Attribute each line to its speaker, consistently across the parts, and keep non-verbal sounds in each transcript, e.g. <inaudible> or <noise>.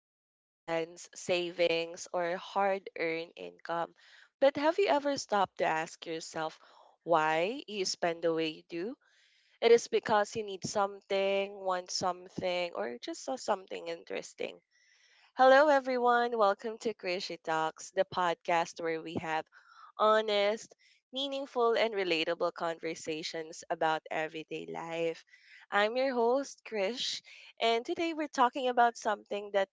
Speaker 1: allowance, savings, or hard earned income. But have you ever stopped to ask yourself why you spend the way you do? It is because you need something, want something, or just saw something interesting. Hello, everyone. Welcome to Crazy Talks, the podcast where we have honest, meaningful, and relatable conversations about everyday life. I'm your host, Krish, and today we're talking about something that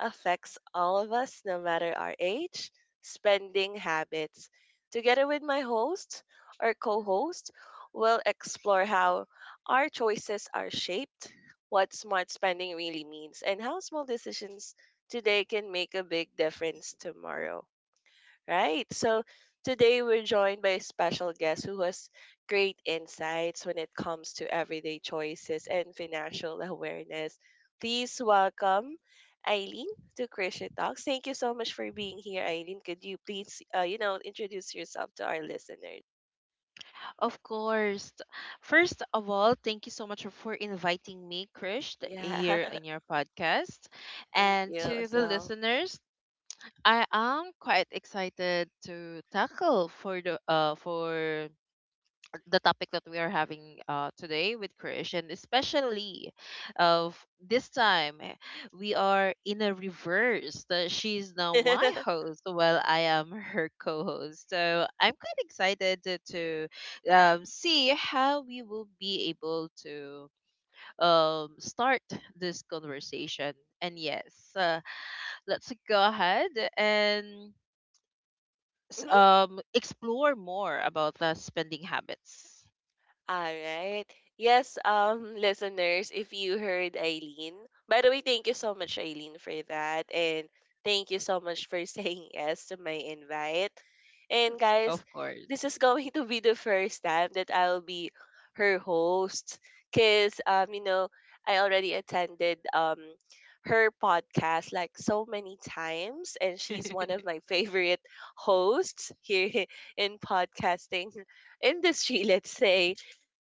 Speaker 1: affects all of us, no matter our age, spending habits. Together with my host or co host, we'll explore how our choices are shaped, what smart spending really means, and how small decisions today can make a big difference tomorrow. Right. So today we're joined by a special guest who has great insights when it comes to everyday choices and financial awareness. Please welcome Eileen to Christian Talks. Thank you so much for being here, Eileen. Could you please, introduce yourself to our listeners?
Speaker 2: Of course. First of all, thank you so much for inviting me, Krish,
Speaker 1: Yeah.
Speaker 2: here
Speaker 1: <laughs>
Speaker 2: in your podcast.
Speaker 1: Thank
Speaker 2: And
Speaker 1: you
Speaker 2: to
Speaker 1: as
Speaker 2: the
Speaker 1: well.
Speaker 2: listeners, I am quite excited to tackle for the topic that we are having today with Krish, and especially of this time, we are in a reverse. That she's now my
Speaker 1: <laughs>
Speaker 2: host, while I am her co-host. So I'm quite excited to see how we will be able to start this conversation. And yes, let's go ahead and explore more about the spending habits,
Speaker 1: All right. Yes, listeners, if you heard Eileen, by the way, thank you so much, Eileen, for that. And thank you so much for <laughs> saying yes to my invite. And guys,
Speaker 2: of
Speaker 1: this
Speaker 2: course.
Speaker 1: is going to be the first time that I'll be her host because, I already attended her podcast like so many times, and she's one of
Speaker 2: <laughs>
Speaker 1: my <laughs> favorite hosts here <laughs> in podcasting industry, let's say.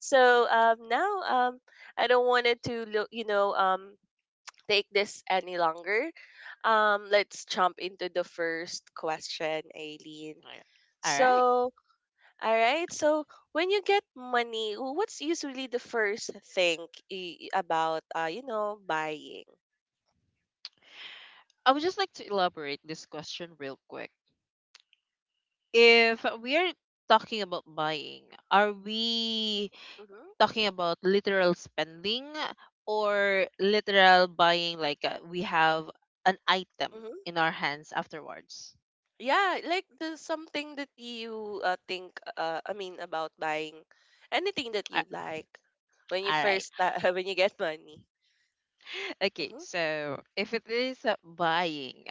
Speaker 1: So now I don't want it to look, take this any longer. Let's jump into the first question, Aileen.
Speaker 2: Alright.
Speaker 1: So, all right. So, when you get money, what's usually the first thing about, buying?
Speaker 2: I would just like to elaborate this question real quick. If we're talking about buying, are we
Speaker 1: Mm-hmm.
Speaker 2: talking about literal spending or literal buying like we have an item
Speaker 1: Mm-hmm.
Speaker 2: in our hands afterwards?
Speaker 1: Yeah, like the something that you think, I mean, about buying anything that
Speaker 2: A-
Speaker 1: you like
Speaker 2: All right.
Speaker 1: <laughs> when you get money.
Speaker 2: Okay,
Speaker 1: Mm-hmm.
Speaker 2: so if it is buying,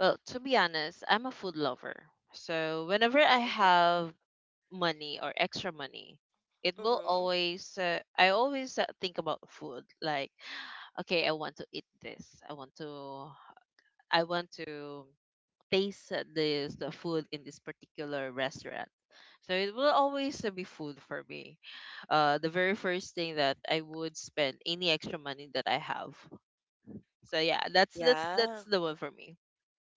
Speaker 2: well, to be honest, I'm a food lover. So whenever I
Speaker 1: Mm-hmm.
Speaker 2: have money or extra money,
Speaker 1: Mhm.
Speaker 2: I always think about food. Like, <sighs> okay, I want to eat this. I want to taste the food in this particular restaurant. So it will always be food for me. The very first thing that I would spend any extra money that I have. So yeah, that's
Speaker 1: Yeah.
Speaker 2: the one for me.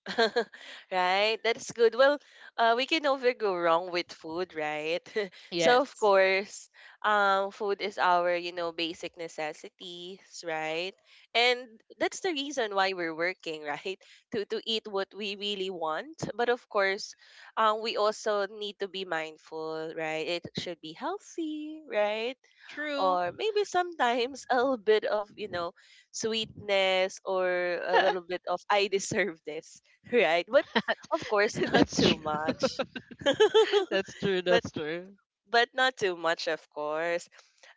Speaker 1: <laughs> Right? That's good. Well, we can never go wrong with food, right? <laughs> So of
Speaker 2: Yes,
Speaker 1: course, food is our, basic necessities, right? And that's the reason why we're working, right? <laughs> To eat what we really want. But of course, we also need to be mindful, right? It should be healthy, right?
Speaker 2: true.
Speaker 1: Or maybe sometimes <laughs> a little bit of sweetness or a little bit of I deserve this, right? But of course, <laughs>
Speaker 2: <laughs>
Speaker 1: not
Speaker 2: That's
Speaker 1: too
Speaker 2: true.
Speaker 1: much. <laughs>
Speaker 2: <laughs> That's true.
Speaker 1: but
Speaker 2: That's true.
Speaker 1: but not too much, of course.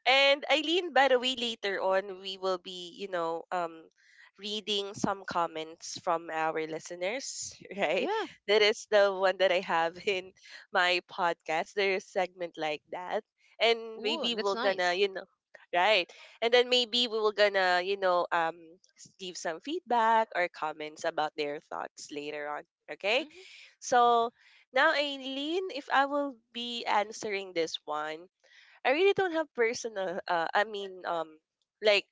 Speaker 1: And Eileen, by the way, later on we will be, reading some comments from our listeners, <laughs> right?
Speaker 2: Yeah.
Speaker 1: That is the one that I have in <laughs> my podcast. There's a segment like that, and
Speaker 2: Ooh,
Speaker 1: maybe
Speaker 2: that's
Speaker 1: we're gonna,
Speaker 2: nice.
Speaker 1: right? And then maybe we will gonna, give some feedback or comments about their thoughts later on. Okay.
Speaker 2: Mm-hmm.
Speaker 1: So now, Aileen, if I will be answering this one, I really don't have personal. I mean, like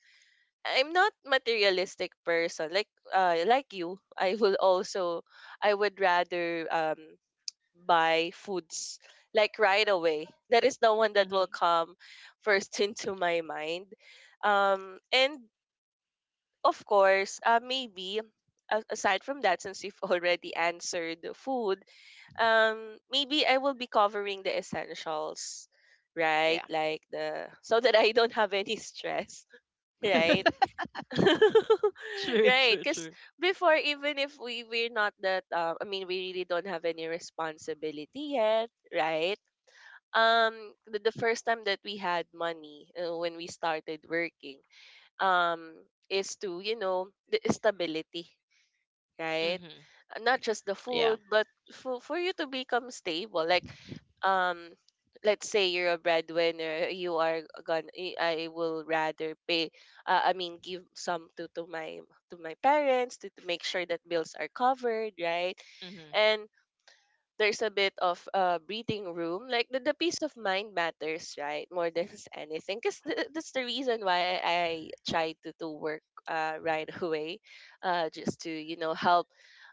Speaker 1: I'm not materialistic person. Like you, I will also, I would rather buy foods like right away. That is the one that will
Speaker 2: Mm-hmm.
Speaker 1: come first <laughs> into my mind. And of course, maybe. Aside from that, since you've <laughs> already answered the food, maybe I will be covering the essentials, right?
Speaker 2: Yeah.
Speaker 1: Like the so that I don't have any stress, <laughs> right?
Speaker 2: <laughs>
Speaker 1: <laughs>
Speaker 2: true,
Speaker 1: Right,
Speaker 2: true,
Speaker 1: because
Speaker 2: true.
Speaker 1: before even if we're not that I mean we really don't have any responsibility yet, right? Um, the first time that we had money when we started working, um, is to the stability, right?
Speaker 2: Mm-hmm.
Speaker 1: Not just the
Speaker 2: Yeah.
Speaker 1: food but for you to become stable, like um let's say you're a breadwinner. You are gonna, I will rather pay, I mean give some to my parents to make sure that bills are covered, right?
Speaker 2: Mm-hmm.
Speaker 1: And there's a bit of breathing room. Like the peace of mind matters, right? More than <laughs> anything. Because that's the reason why I try to, work right <laughs> away, just to, help,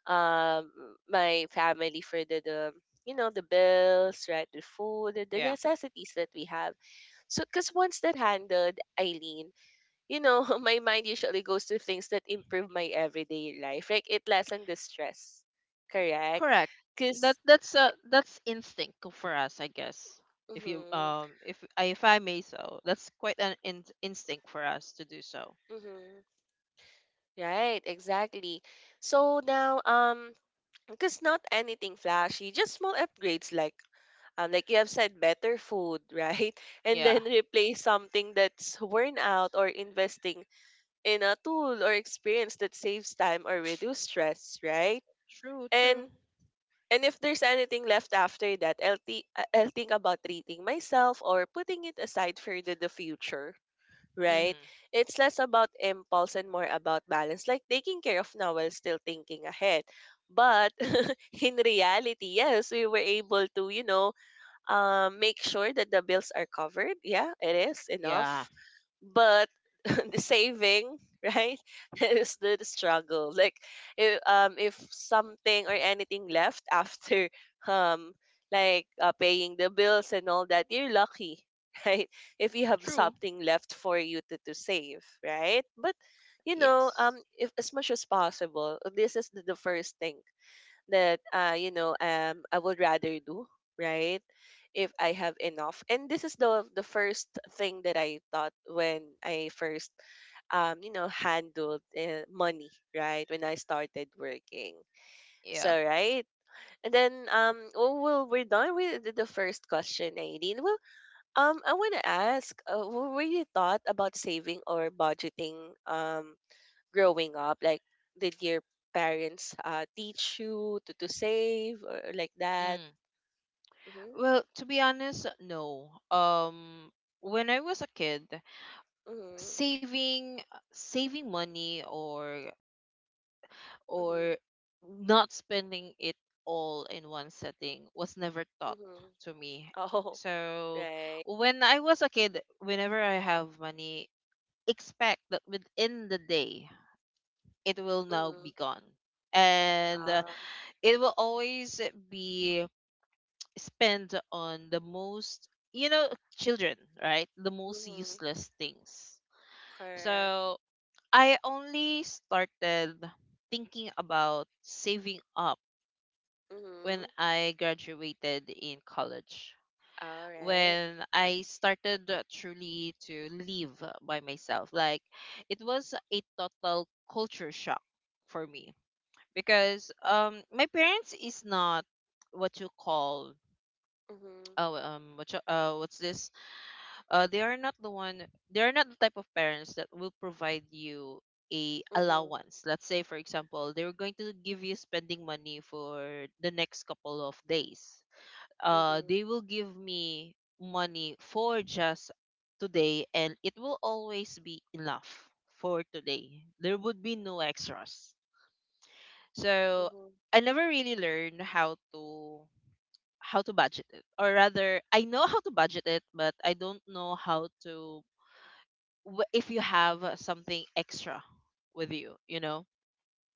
Speaker 1: um, my family for the bills, right? The food, the
Speaker 2: Yeah.
Speaker 1: necessities that we have. So, because once that handled, Eileen, <laughs> my mind usually goes to things that improve my everyday life. Like it lessen the stress, correct?
Speaker 2: Correct. That
Speaker 1: Because.
Speaker 2: that's uh that's instinct for us, I guess. If you
Speaker 1: Mm-hmm.
Speaker 2: um if I if I may so, that's quite an instinct for us to do so.
Speaker 1: Mm-hmm. Right, exactly. So now, because not anything flashy, just small upgrades like you have said, better food, right? <laughs> And
Speaker 2: Yeah.
Speaker 1: then replace something that's worn out or investing in a tool or experience that saves time or reduce stress, right?
Speaker 2: True, true.
Speaker 1: And and if there's anything left after that, I'll think about treating myself or putting it aside for the future. Right?
Speaker 2: Mm-hmm.
Speaker 1: It's less about impulse and more about balance, like taking care of now while still thinking ahead. But <laughs> in reality, yes, we were able to, make sure that the bills are covered. Yeah, it is
Speaker 2: Yeah.
Speaker 1: enough. But <laughs> the saving, right, <laughs> is the struggle. Like if something or anything left after <laughs> um like paying the bills and all that, you're lucky, <laughs> right? If you have
Speaker 2: True.
Speaker 1: something left for you to save, right? But
Speaker 2: Yes.
Speaker 1: if as much as possible, this is the first thing that I would rather do, right, if I have enough. And this is the first thing that I thought when I first, you know, handled, money, right? When I started working. So,
Speaker 2: Yeah.
Speaker 1: right? And then, oh, well, we're done with the first question, Aileen. Well, I want to ask, what were you thought about saving or budgeting, um, growing up? Like, did your parents teach you to save or like that?
Speaker 2: Mm.
Speaker 1: Mm-hmm.
Speaker 2: Well, to be honest, no. When I was a kid,
Speaker 1: Mm-hmm.
Speaker 2: saving saving money or
Speaker 1: Mm-hmm.
Speaker 2: or not spending it all in one setting was never taught
Speaker 1: Mm-hmm.
Speaker 2: to me.
Speaker 1: Oh, <laughs>
Speaker 2: So
Speaker 1: right.
Speaker 2: when I was a kid, whenever I have money, expect that within the day it will now
Speaker 1: Mm-hmm.
Speaker 2: be gone. And
Speaker 1: Uh,
Speaker 2: it will always be spent on the most, children, right, the most
Speaker 1: mm-hmm.
Speaker 2: useless things.
Speaker 1: Correct.
Speaker 2: So I only started thinking about saving up when
Speaker 1: Mm-hmm.
Speaker 2: I graduated in college.
Speaker 1: All right.
Speaker 2: When I started truly to live by myself, like it was a total culture shock for me, because my parents is not what you call,
Speaker 1: Mhm.
Speaker 2: oh, what you, what's this, they are not the one, they are not the type of parents that will provide you a
Speaker 1: Mhm.
Speaker 2: allowance. Let's say, for example, they are going to give you spending money for the next couple of days.
Speaker 1: Mhm.
Speaker 2: They will give me money for just today, and it will always be enough for today. There would be no extras. So
Speaker 1: Mhm.
Speaker 2: I never really learned how to budget it, or rather I know how to budget it, but I don't know how to, if you have something extra with you, you know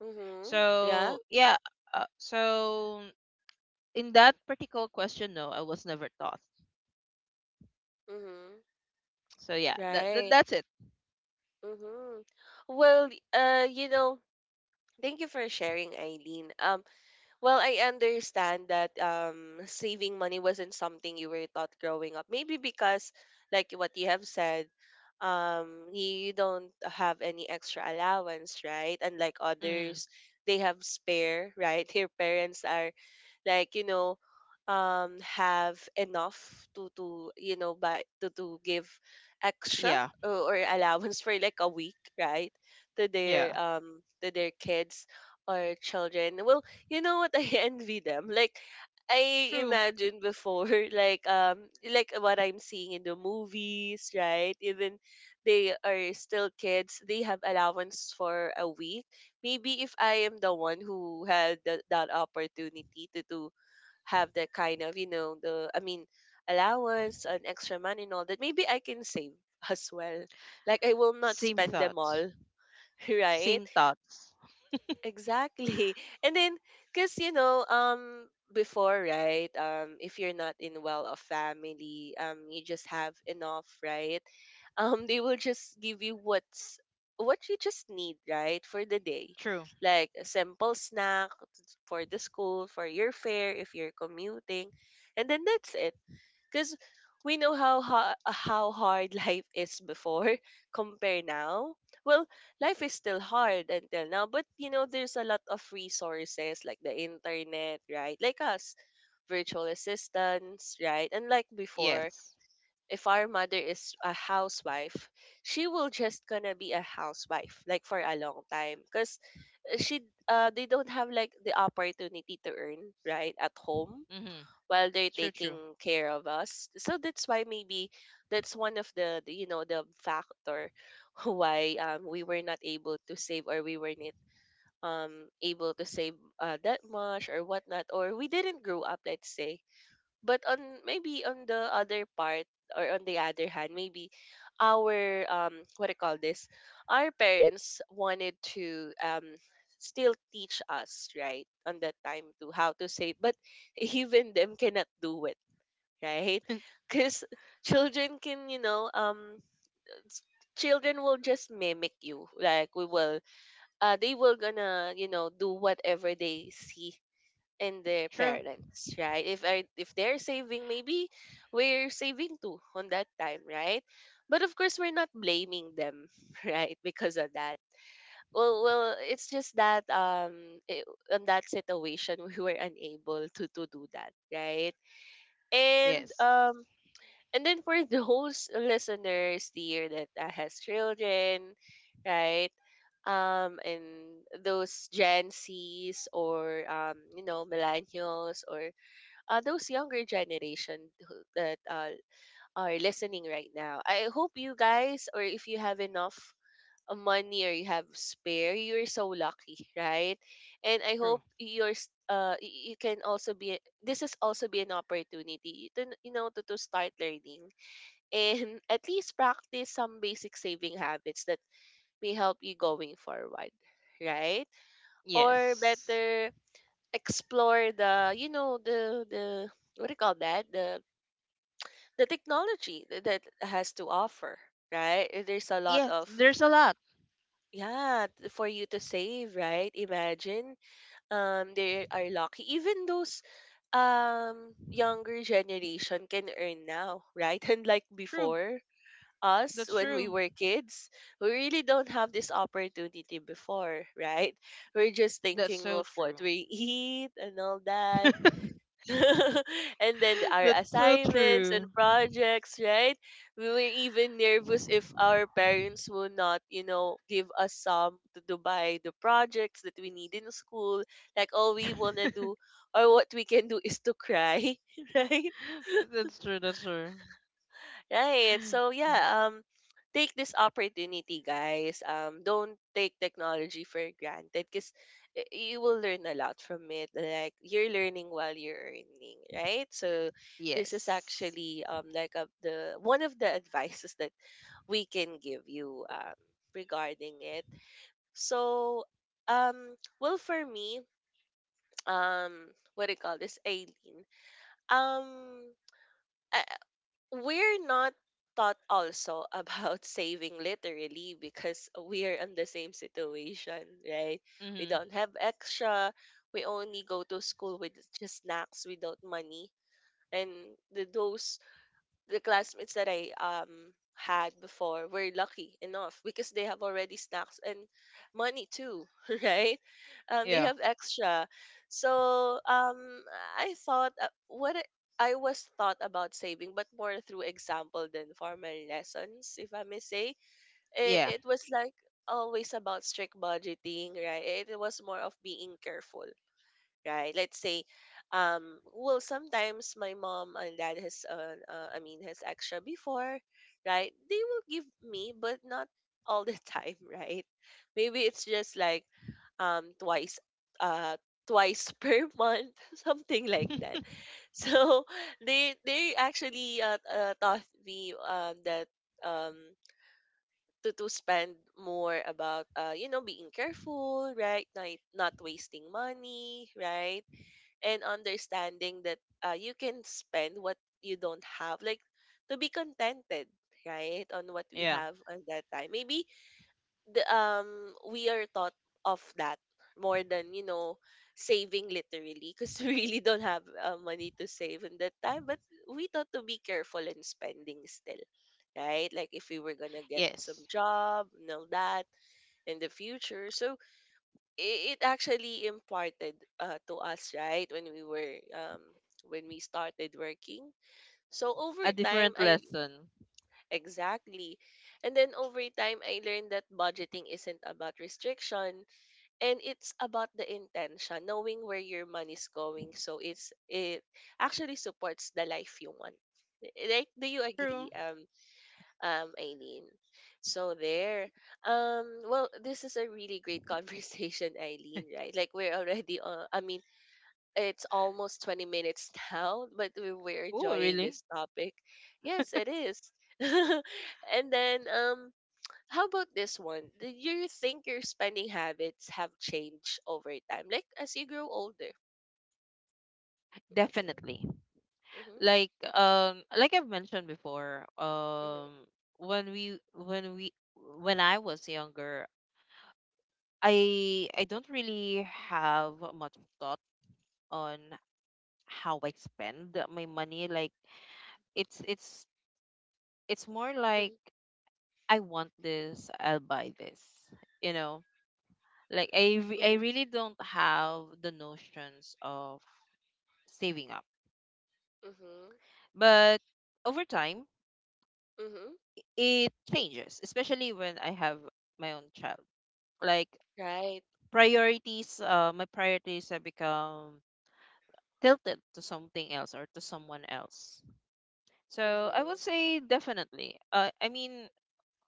Speaker 1: Mhm. Yeah.
Speaker 2: so yeah, so in that particular question, no, I was never taught.
Speaker 1: Mhm.
Speaker 2: So yeah, that, that
Speaker 1: Right.
Speaker 2: that's it.
Speaker 1: Mhm. Well, uh, you know, thank you for sharing, Eileen. Well, I understand that saving money wasn't something you were taught growing up. Maybe because, like what you have said, you don't have any extra allowance, right? Unlike
Speaker 2: Mm,
Speaker 1: others, they have spare, right? <laughs> Your parents are like, have enough to buy, to give extra,
Speaker 2: yeah,
Speaker 1: or allowance, <laughs> for like a week, right, to their
Speaker 2: yeah,
Speaker 1: um to their kids or children. Well, you know what, <laughs> I envy them. Like, I
Speaker 2: true.
Speaker 1: imagine before, <laughs> like, like what I'm seeing in the movies, right? Even they are still kids. They have allowance for a week. Maybe if I am the one who had that opportunity to, have that kind of, you know, the I mean allowance and extra money and all that, maybe I can save <laughs> as well. Like I will not
Speaker 2: Same
Speaker 1: spend them
Speaker 2: thoughts.
Speaker 1: all, <laughs> right?
Speaker 2: Same thoughts.
Speaker 1: Exactly. <laughs> And then, because, before, right, if you're not in well-off family, you just have enough, right? <laughs> They will just give you what you just need, right, for the day.
Speaker 2: True.
Speaker 1: Like a simple snack for the school, for your fare if you're commuting. And then that's it because we know how how hard <laughs> life is before <laughs> compare now. Well, life is still hard until now, but there's a lot of resources like the internet, right, like us virtual assistants, right, and like before,
Speaker 2: Yes.
Speaker 1: if our mother is a housewife, she will just gonna be a housewife like for a long time because she they don't have like the opportunity to earn, right, at home
Speaker 2: Mm-hmm.
Speaker 1: while they're
Speaker 2: True, true,
Speaker 1: taking care of us. So that's why maybe that's one of the, you know the factor <laughs> why we were not able to save, or we were not um able to save that much or whatnot, or we didn't grow up, let's say, but on maybe on the other part, or on the other hand, maybe our, what do you call this? Our parents wanted to still teach us, right, on that time to how to save, but <laughs> even them cannot do it, right? Because children can, s- children will just mimic you. Like we will they will gonna, do whatever they see and their
Speaker 2: true.
Speaker 1: parents, right? If they're saving, maybe we're saving too on that time, right? But of course, we're not blaming them, <laughs> right? Because of that. Well, well, it's just that on that situation <laughs> we were unable to do that, right? And
Speaker 2: Yes.
Speaker 1: and then for <laughs> those listeners here that has children, right? And those Gen Zs or millennials or those younger generation that are listening right now, I hope you guys, or if you have enough money or you have spare, you're so lucky, right? And I
Speaker 2: True.
Speaker 1: hope you can also be this is also be an opportunity to to start learning and <laughs> at least practice some basic saving habits that may help you going forward, right? Or
Speaker 2: Yes.
Speaker 1: better, explore the what do you call that, the technology that has to offer, right? There's a lot
Speaker 2: Yes.
Speaker 1: of,
Speaker 2: There's a lot.
Speaker 1: yeah, for you to save, right? Imagine they are lucky. Even those younger generation can earn now, right? <laughs> And like
Speaker 2: True.
Speaker 1: before us
Speaker 2: That's
Speaker 1: when we
Speaker 2: true.
Speaker 1: were kids, we really don't have this opportunity before, right? We're just
Speaker 2: That's
Speaker 1: thinking
Speaker 2: so
Speaker 1: of what
Speaker 2: true.
Speaker 1: we <laughs> eat and all that.
Speaker 2: <laughs>
Speaker 1: <laughs> And then our
Speaker 2: That's so
Speaker 1: assignments and
Speaker 2: true.
Speaker 1: projects, right? We were even nervous if our parents will not, you know, give us some to do by the projects that we need in school. Like all we wanna
Speaker 2: <laughs>
Speaker 1: do or what we can do is to cry, <laughs> right?
Speaker 2: That's true. That's true.
Speaker 1: Right. So yeah, take this opportunity, guys. Don't take technology for granted cuz you will learn a lot from it. Like you're learning while you're earning, right? So this is
Speaker 2: Yes.
Speaker 1: actually like the one of the <laughs> advices that we can give you regarding it. So well for me, <tsk> um what do you call this, Aileen? Um I We're not taught also about <laughs> saving literally because we're in the same situation, right? We
Speaker 2: Mm-hmm.
Speaker 1: don't have extra. We only go to school with just snacks without money. And the, those the classmates that I had before were lucky enough because they have already snacks and money too, <laughs> right? They
Speaker 2: Yeah.
Speaker 1: have extra. So I thought what I was thought about saving, but more through example than formal lessons, if I may say. It,
Speaker 2: Yeah.
Speaker 1: it was like always about strict budgeting, right? It was more of being careful, right? Let's say, well, sometimes my mom and dad has, I mean, has extra before, right? They will give me, but not all the <laughs> time, right? Maybe it's just like twice, uh, twice <laughs> per month, something like that. So <laughs> they actually taught me that um to spend more about being careful, right? Not wasting money, right? And understanding that you can spend what you don't have, like to be contented, right, on what we
Speaker 2: Yeah.
Speaker 1: have at that time. Maybe the we are taught of that more than, you know, saving literally because <laughs> we really don't have money to save in that time, but we thought to be careful in spending still, right, like if we were gonna get some
Speaker 2: Yes.
Speaker 1: job and all that in the future. So it actually imparted to us, right, when we were when we started working. So over
Speaker 2: A
Speaker 1: time
Speaker 2: different
Speaker 1: I
Speaker 2: lesson.
Speaker 1: exactly and then over time I learned that budgeting isn't about restriction, and it's about the intention, knowing where your money's going, so it's it actually supports the life you want. Like, do you agree,
Speaker 2: True.
Speaker 1: Eileen? So there. Well, this is a really great conversation, <laughs> Eileen. Right? Like we're already. I mean, it's almost 20 minutes <laughs> now, but we're
Speaker 2: Oh,
Speaker 1: enjoying
Speaker 2: really?
Speaker 1: this topic. Yes, it is. <laughs> And then, how about this one? Do you think your spending habits have changed over time, like as you grow older?
Speaker 2: Definitely.
Speaker 1: Mm-hmm.
Speaker 2: Like I've mentioned before,
Speaker 1: Hmm.
Speaker 2: when we when we when I was younger, I don't really have much thought on how I spend my money. Like it's it's it's more like,
Speaker 1: Hmm.
Speaker 2: I want this, I'll buy this. You know, like I
Speaker 1: Hmm.
Speaker 2: really don't have the notions of saving up.
Speaker 1: Hmm.
Speaker 2: But over time,
Speaker 1: Hmm.
Speaker 2: it changes, especially when I have my own child. Like
Speaker 1: Right.
Speaker 2: my priorities have become tilted to something else or to someone else. So I
Speaker 1: Mm-hmm.
Speaker 2: would say definitely. I mean,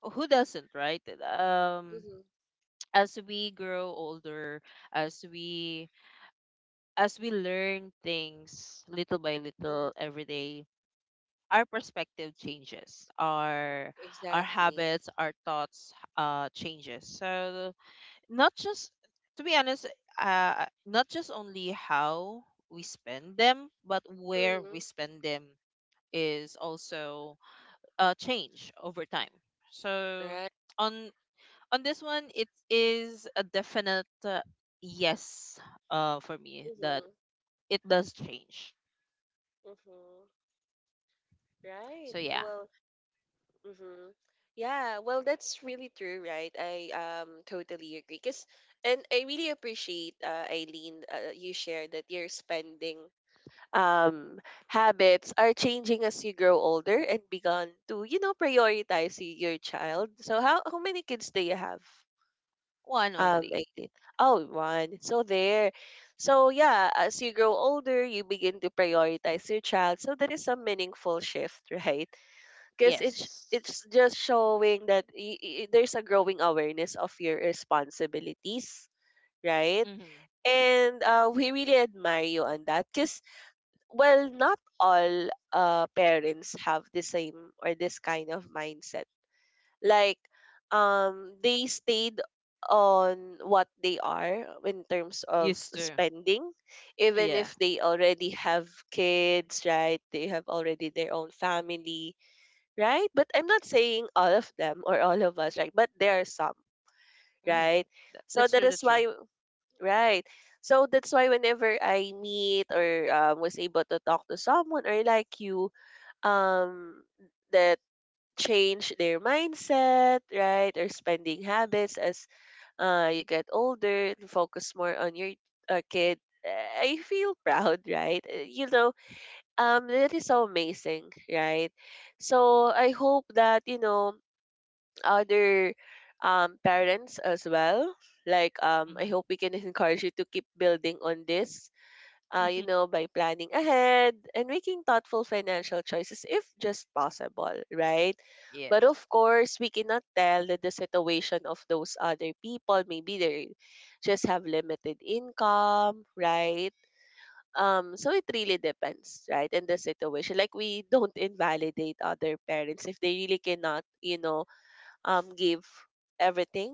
Speaker 2: who doesn't, right? Um,
Speaker 1: Mm-hmm.
Speaker 2: <tsk> as we grow older, as we as we learn things little by little
Speaker 1: Mm-hmm.
Speaker 2: every day, our perspective changes, our
Speaker 1: Exactly.
Speaker 2: habits, our thoughts changes. So not just, to be honest, not just only how we spend them, but where we
Speaker 1: Mhm.
Speaker 2: spend them is also change over time. So
Speaker 1: Right.
Speaker 2: on on this one it is a definite yes for me that
Speaker 1: Mhm.
Speaker 2: it does change.
Speaker 1: Mhm. Right.
Speaker 2: So yeah,
Speaker 1: Well, mhm. Yeah, well that's really true, right? I totally agree. Cause and I really appreciate Eileen you shared that your spending um habits are changing as you grow older and begun to, you know, prioritize your child. So how many kids do you have?
Speaker 2: one only.
Speaker 1: 18. Oh, one. So there. So yeah, as you grow older, you begin to prioritize your child. So that is a meaningful shift, <laughs> right? Because
Speaker 2: Yes.
Speaker 1: it's just showing that there's a growing awareness of your responsibilities, right?
Speaker 2: Mm-hmm.
Speaker 1: And we really admire you on that. Because well, not all parents have the same or this kind of mindset, like they stayed on what they are in terms of
Speaker 2: Used to.
Speaker 1: spending even
Speaker 2: Yeah.
Speaker 1: if they already have kids, right, they have already their own family, right, but I'm not saying all of them or all of us, right, but there are some,
Speaker 2: Mm-hmm.
Speaker 1: right. So
Speaker 2: That's
Speaker 1: that
Speaker 2: true.
Speaker 1: is
Speaker 2: That's true.
Speaker 1: why, right, so that's why whenever I meet or was able to talk to someone or like you, um the change their mindset, right, or spending habits as you get older and focus more on your kid. Eh, I feel <laughs> proud, right? You know, that is so amazing, right? So I hope that, you know, other parents as well. Like I hope we can <laughs> encourage you to keep building on this you
Speaker 2: Mm-hmm.
Speaker 1: know, by planning ahead and making thoughtful financial choices if just possible, right?
Speaker 2: <laughs>
Speaker 1: But of
Speaker 2: Yes.
Speaker 1: course, we cannot tell that the situation of those other people. Maybe they just have limited income, right? So it really depends, right? And the situation, like we don't invalidate other parents if they really cannot, you know, give everything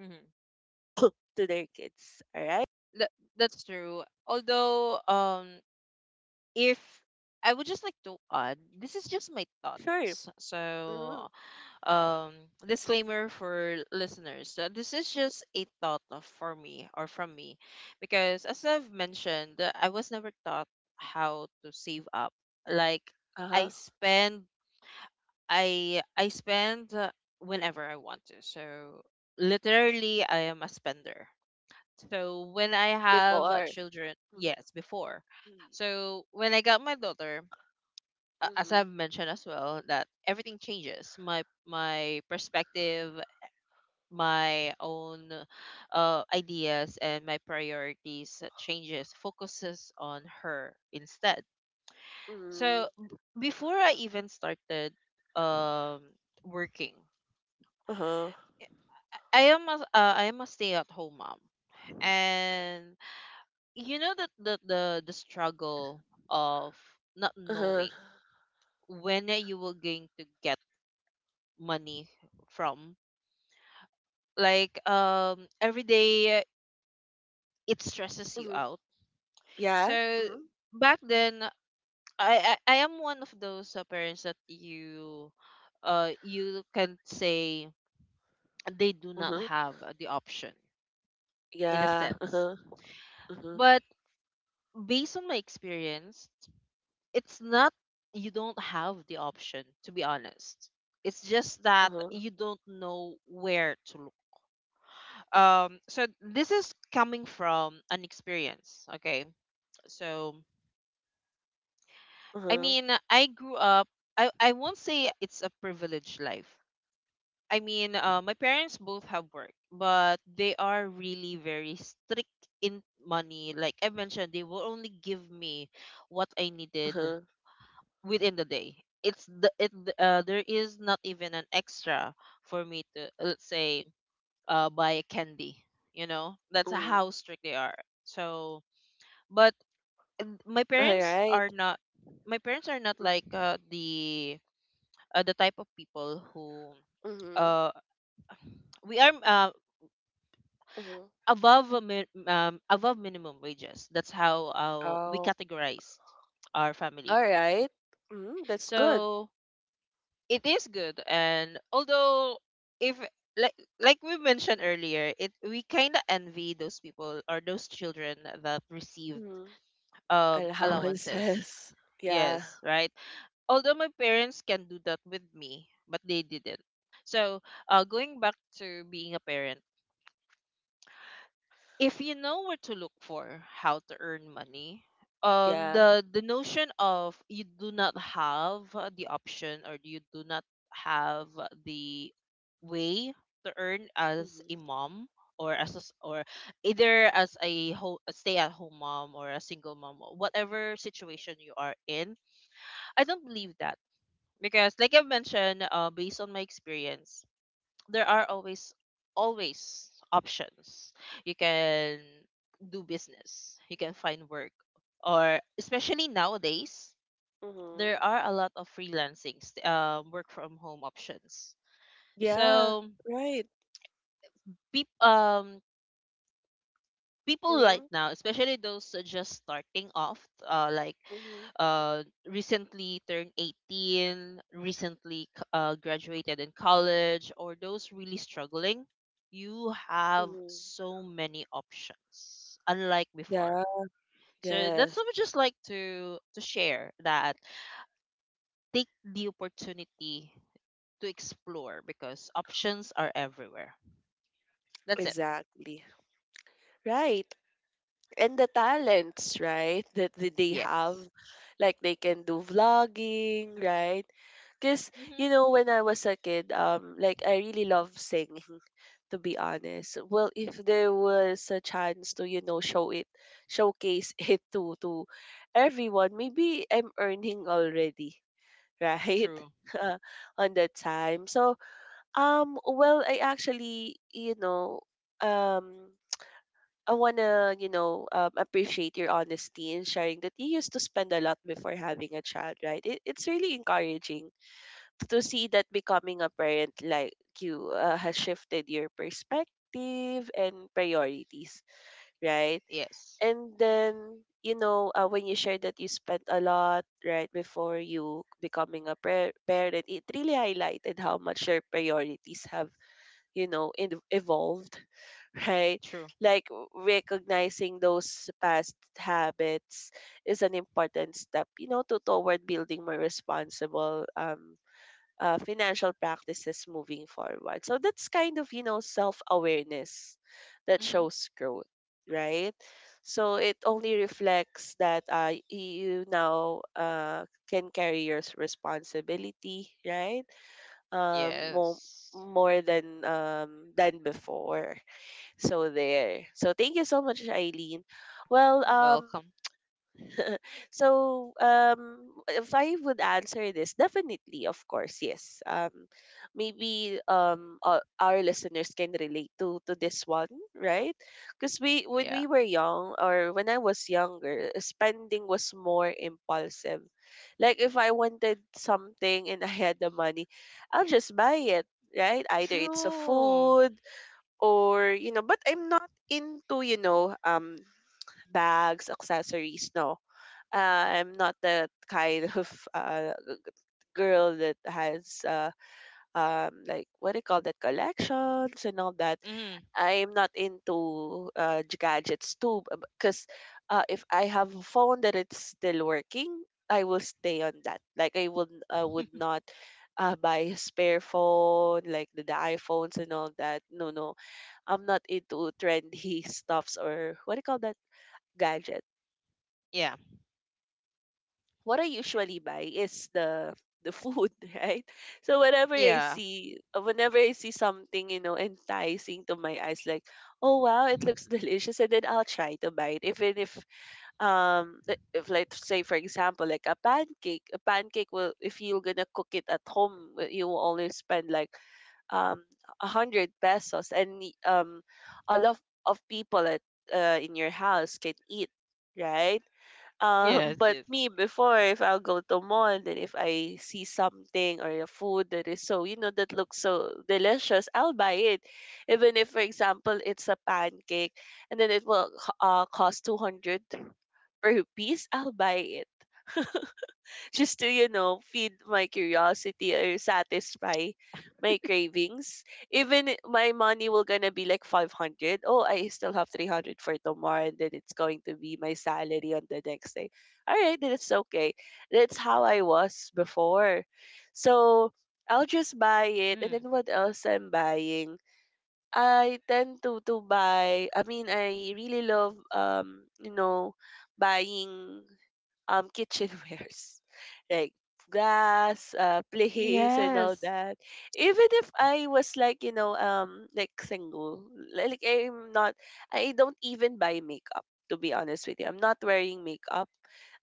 Speaker 2: Mm-hmm.
Speaker 1: <coughs> to their kids. All right,
Speaker 2: That, that's true. Although, if I would just like to add, this is just my thoughts.
Speaker 1: sure. Hmm.
Speaker 2: So, um disclaimer for listeners, this is just a thought for me or from me, because as I've mentioned, I was never taught how to save up. Like
Speaker 1: Uh
Speaker 2: i
Speaker 1: huh.
Speaker 2: spend I spend whenever I want to. So literally I am a spender. So when I have
Speaker 1: Before.
Speaker 2: children, yes, before.
Speaker 1: Mhm.
Speaker 2: So when I got my daughter, as
Speaker 1: Mhm.
Speaker 2: I've mentioned as well, that everything changes. My perspective, my own ideas, and my priorities changes, focuses on her instead.
Speaker 1: Mhm.
Speaker 2: So before I even started um working,
Speaker 1: Uh-huh.
Speaker 2: I am a stay at home mom. And you know that the struggle of not
Speaker 1: Uh-huh.
Speaker 2: knowing when you were going to get money from, like, every day, it stresses you
Speaker 1: Mhm.
Speaker 2: out.
Speaker 1: Yeah.
Speaker 2: So
Speaker 1: Mhm.
Speaker 2: back then, I am one of those parents that you can say they do not
Speaker 1: Mhm.
Speaker 2: have the option, in a
Speaker 1: Yeah.
Speaker 2: sense.
Speaker 1: Uh-huh. Mhm.
Speaker 2: But based on my experience, it's not you don't have the option. To be honest, it's just that
Speaker 1: Uh-huh.
Speaker 2: you don't know where to look. So this is coming from an experience. Okay, so I
Speaker 1: Uh-huh.
Speaker 2: mean, I grew up. I won't say it's a privileged life. I mean, my parents both have work, but they are really very strict in money. Like I mentioned, they will only give me what I needed
Speaker 1: Uh-huh.
Speaker 2: within the day. It's the it There is not even an extra for me to, let's say, buy a candy. You know, that's
Speaker 1: Mm.
Speaker 2: how strict they are. So, but my
Speaker 1: All
Speaker 2: parents
Speaker 1: right.
Speaker 2: are not. My parents are not
Speaker 1: Mhm.
Speaker 2: like the type of people who,
Speaker 1: Mhm.
Speaker 2: uh, we are
Speaker 1: Mhm.
Speaker 2: above above minimum wages. That's how we
Speaker 1: Oh.
Speaker 2: categorize our
Speaker 1: All
Speaker 2: family.
Speaker 1: right. Mm, that's good.
Speaker 2: So it is good, and although, if like like we mentioned earlier, it we kind of envy those people or those children that received
Speaker 1: Mhm.
Speaker 2: allowances.
Speaker 1: Allowances. <laughs> Yeah.
Speaker 2: Yes, right. Although my parents can do that with me, but they didn't. So, going back to being a parent, if you know where to look for how to earn money,
Speaker 1: Yeah.
Speaker 2: the notion of you do not have the option, or you do not have the way to earn as a
Speaker 1: Mhm.
Speaker 2: mom, or as a s or either as a, ho- a stay at home mom, or a single mom, or whatever situation you are in, I don't believe that. Because like I've mentioned, based on my experience, there are always options. You can do business. You can find work, or especially nowadays,
Speaker 1: Mhm.
Speaker 2: there are a lot of freelancing, work from home options.
Speaker 1: Yeah.
Speaker 2: So
Speaker 1: Right.
Speaker 2: peop, um people right
Speaker 1: Mhm.
Speaker 2: now, especially those just starting off, like
Speaker 1: Mhm.
Speaker 2: recently turned 18, recently graduated in college, or those really struggling, you have
Speaker 1: Mhm.
Speaker 2: so many options, unlike before.
Speaker 1: Yeah.
Speaker 2: So that's
Speaker 1: Yes.
Speaker 2: what I just like to share, that take the opportunity to explore because options are everywhere. That's it.
Speaker 1: Exactly. Right. And the talents, right? That that they have,
Speaker 2: Yes.
Speaker 1: like they can do vlogging, right? Because, you
Speaker 2: Mm-hmm.
Speaker 1: know, when I was a kid, like I really love singing. <laughs> To be honest, well, if there was a chance to, you know, show it, showcase <laughs> it to everyone, maybe I'm earning already, right?
Speaker 2: True.
Speaker 1: <laughs> On that time. So, well, I actually, you know, um, I wanna, you know, appreciate your honesty in sharing that you used to spend a lot before having a child, right? It's really encouraging to see that becoming a parent like you has shifted your perspective and priorities, right?
Speaker 2: Yes.
Speaker 1: And then, you know, when you share that you spent a lot, right, before you becoming a parent, it really highlighted how much your priorities have, you know, evolved, <laughs> right,
Speaker 2: True.
Speaker 1: like recognizing those past habits is an important step, you know, to toward building more responsible financial practices moving forward, so that's kind of, you know, self-awareness that
Speaker 2: Mm-hmm.
Speaker 1: shows growth, right. So it only reflects that you now can carry your responsibility, right, um more
Speaker 2: Yes.
Speaker 1: more than before. So there. So thank you so much, Eileen. Well, um,
Speaker 2: Welcome.
Speaker 1: so, if I would answer this, definitely, of course, yes. Maybe our listeners can relate to this one, right? Because we, when
Speaker 2: Yeah.
Speaker 1: we were young, or when I was younger, spending was more impulsive. Like if I wanted something and <laughs> I had the money, I'll just buy it, right? Either it's a
Speaker 2: True.
Speaker 1: food or, you know, but I'm not into, you know, um, bags, accessories, no, I'm not that kind <laughs> of uh, g- g- girl that has like what do you call that, collections and all that.
Speaker 2: Mm.
Speaker 1: I'm not into gadgets too, because if I have a phone that it's still working, I will stay on that. Like I would not buy a spare phone like the iPhones and all that. No, no, I'm not into trendy <laughs> stuffs or what do you call that, gadget.
Speaker 2: Yeah.
Speaker 1: What I usually buy is the food, <laughs> right? So
Speaker 2: Yeah.
Speaker 1: whenever I see something, you know, enticing to my eyes, like, oh wow, it looks <laughs> delicious, and then I'll try to buy it. Even if if let's say for example, like a pancake. A pancake will if you're gonna cook it at home, you will only spend like um a hundred pesos and a lot of people at in your house can eat, right?
Speaker 2: Yes.
Speaker 1: <laughs> But
Speaker 2: Yes.
Speaker 1: me before, if I'll go to mall, then if I see something or a food that is so, you know, that looks so delicious, I'll buy it. Even if, for example, it's a pancake and then it will cost 200 per piece, I'll buy it. <laughs> Just to, you know, feed my curiosity or satisfy my cravings. Even my money will gonna be like 500. Oh, I still have 300 for tomorrow and then it's going to be my salary on the next day. All right, then it's okay. That's how I was before. So I'll
Speaker 2: Mm.
Speaker 1: just buy it. And then what else I'm buying? I tend to buy. I mean, I really love you know, buying kitchenwares, <laughs> like glass, plates,
Speaker 2: Yes.
Speaker 1: and all that. Even if I was like like single, like I'm not, I don't even buy makeup. To be honest with you, I'm not wearing makeup.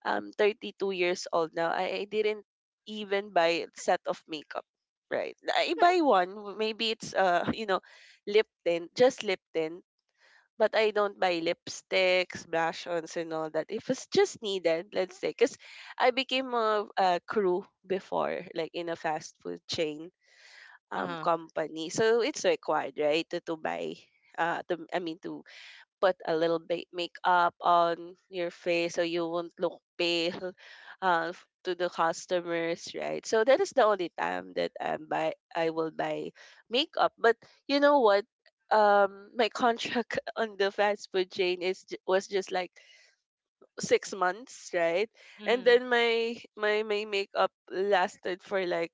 Speaker 1: I'm 32 years old now. I didn't even buy a set of makeup. Right. I buy
Speaker 2: <laughs>
Speaker 1: one. Maybe it's <laughs> you know, lip tint, just lip tint, but I don't buy lipsticks, blush-ons, and all that. If it's just needed, let's say, because I became a crew before, like in a fast food chain
Speaker 2: Uh-huh.
Speaker 1: company, so it's required, right, to buy. To, I mean to put a little bit makeup on your face so you won't look pale <laughs> to the customers, right? So that is the only time that I will buy makeup. But you know what? My contract <laughs> on the fast food chain is was just like 6 months, right? And
Speaker 2: Mm.
Speaker 1: then my makeup lasted for like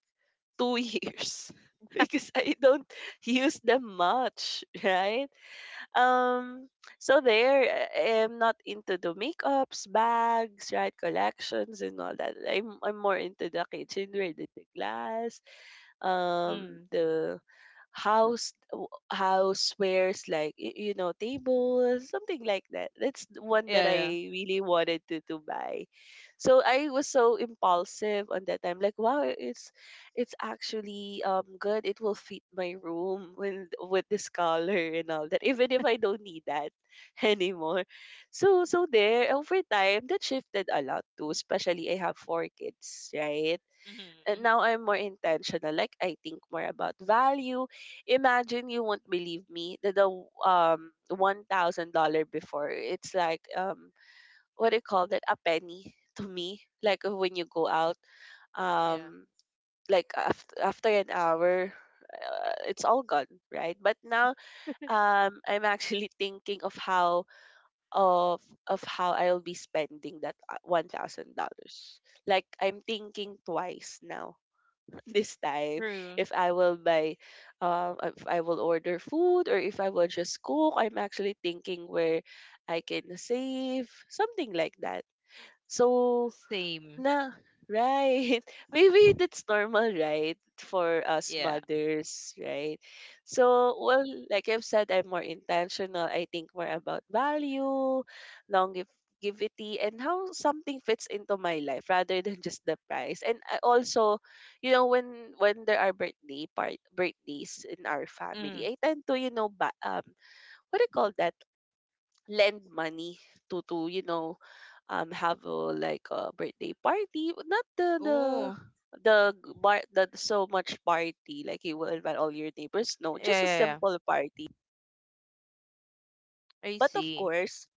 Speaker 1: 2 years <laughs> because I don't use them much, right? Um, so there, I'm not into the makeups, bags, right, collections, and all that. I'm more into the kitchenware, the glass,
Speaker 2: Mm.
Speaker 1: the house housewares like you know, tables, something like that. That's the one
Speaker 2: Yeah.
Speaker 1: that
Speaker 2: Yeah.
Speaker 1: I really wanted to buy. So I was so impulsive on that time like wow, it's actually good. It will fit my room with this color and all that, even if I don't need that <laughs> anymore. So there, over time, that shifted a lot too, especially I have 4 kids, right?
Speaker 2: Mm.
Speaker 1: And
Speaker 2: Mm.
Speaker 1: now I'm more intentional. Like I think more about value. Imagine, you won't believe me that the $1,000 before, it's like what do you call that, a penny to me. Like when you go out,
Speaker 2: Yeah.
Speaker 1: um like after an hour, it's all gone, right? But now, I'm actually thinking of how of of how I'll be spending that $1,000. Like I'm thinking twice now, this time,
Speaker 2: True.
Speaker 1: if I will buy, if I will order food or if I will just cook. I'm actually thinking where I can save something like that. So,
Speaker 2: Same.
Speaker 1: na, right. <laughs> Maybe that's normal, right? For us
Speaker 2: Yeah.
Speaker 1: mothers, right? So, well, like I've said, I'm more intentional. I think more about value, longevity, and how something fits into my life rather than <laughs> just the price. And I also, you know, when there are birthdays in our family,
Speaker 2: Mm.
Speaker 1: I tend to, you know, what do you call that? Lend money to you know, have a like a birthday party, but not the
Speaker 2: Oh.
Speaker 1: the g- bar the so much party like you will invite all your neighbors, no,
Speaker 2: Yeah.
Speaker 1: just a
Speaker 2: Yeah. Yeah.
Speaker 1: simple party.
Speaker 2: I
Speaker 1: But of
Speaker 2: see.
Speaker 1: course.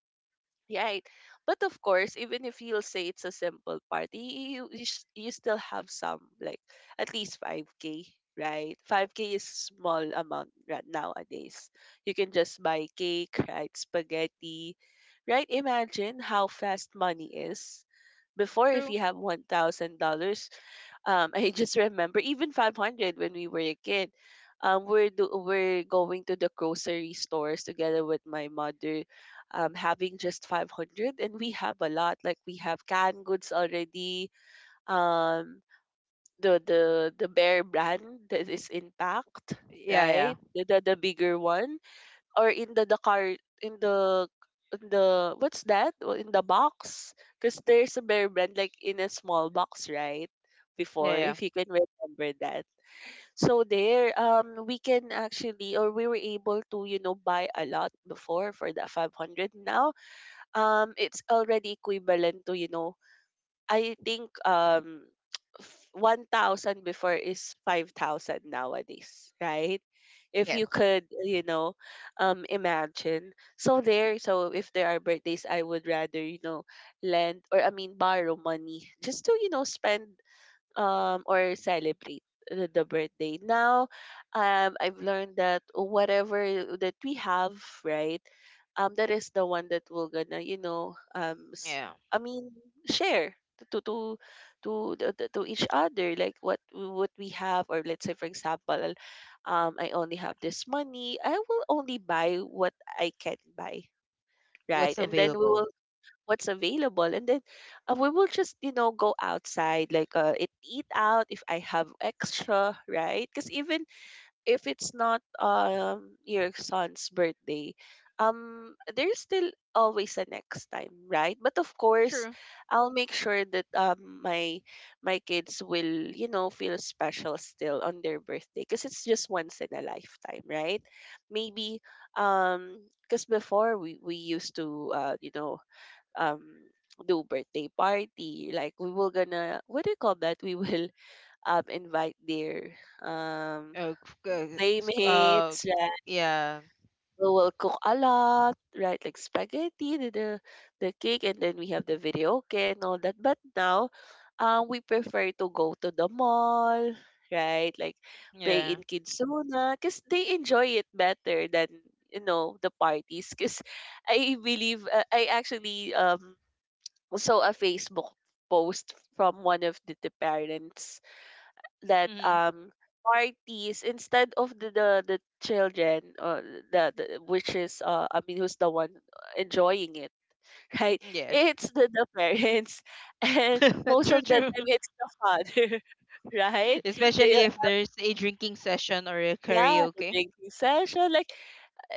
Speaker 1: Right. But of course, even if you'll say it's a simple party, you still have some, like at least 5K, right? 5K is small amount right nowadays. You can just buy cake, right? Spaghetti, right? Imagine how fast money is. Before, if
Speaker 2: True.
Speaker 1: you have $1,000, <laughs> I just remember even 500 when we were a kid. We're going to the grocery stores together with my mother, having just 500, and we have a lot. Like we have canned goods already. Um, the bear brand that is intact,
Speaker 2: Yeah.
Speaker 1: right?
Speaker 2: Yeah.
Speaker 1: The bigger one, or in the what's that. Well, in the box, because there's a bear brand like in a small box, right?
Speaker 2: Yeah.
Speaker 1: Before,
Speaker 2: Yeah.
Speaker 1: if you can remember that. So there, we can actually, or we were able to, you know, buy a lot before for the 500. Now, it's already equivalent to, you know, I think, <tsk> 1,000 before is 5,000 nowadays, right? If
Speaker 2: Yes.
Speaker 1: you could, you know, imagine. So there, so if there are birthdays, I would rather, you know, lend, or I mean borrow money just to, you know, spend, or celebrate the birthday. Now, I've learned that whatever that we have, right, that is the one that we're gonna, you know,
Speaker 2: Yeah.
Speaker 1: I mean, share to to to to each other, like what we have. Or let's say, for example, I only have this money, I will only buy what I can buy. Right,
Speaker 2: What's
Speaker 1: and then we
Speaker 2: available?
Speaker 1: will what's available, and then we will just, you know, go outside like it, eat out if I have extra, right? Because even if it's not your son's birthday, there's still always a next time, right? But of course,
Speaker 2: True.
Speaker 1: I'll make sure that my kids will, you know, feel special still on their birthday, because it's just once in a lifetime, right? Maybe because before, we used to you know, um do birthday party, like we will gonna what do you call that, we will <laughs> invite their um
Speaker 2: Uh. c- Uh. uh,
Speaker 1: playmates, right?
Speaker 2: Yeah.
Speaker 1: We will cook a lot, right? Like spaghetti, the cake, and then we have the video okay and all that. But now, we prefer to go to the mall, right? Like play
Speaker 2: Yeah.
Speaker 1: in Kidsuna, because they enjoy it better than, you know, the parties. Because <laughs> I believe I actually so a Facebook post from one of the parents that
Speaker 2: Mm.
Speaker 1: parties, instead of the children the, which is I mean, who's the one enjoying it, <laughs> right?
Speaker 2: Yes.
Speaker 1: It's the parents, <laughs> and
Speaker 2: <laughs>
Speaker 1: most
Speaker 2: true,
Speaker 1: of the
Speaker 2: true.
Speaker 1: time it's the father. <laughs> Right.
Speaker 2: <laughs>
Speaker 1: They,
Speaker 2: Especially if there's a drinking session or a
Speaker 1: yeah, the
Speaker 2: karaoke.
Speaker 1: drinking session, like,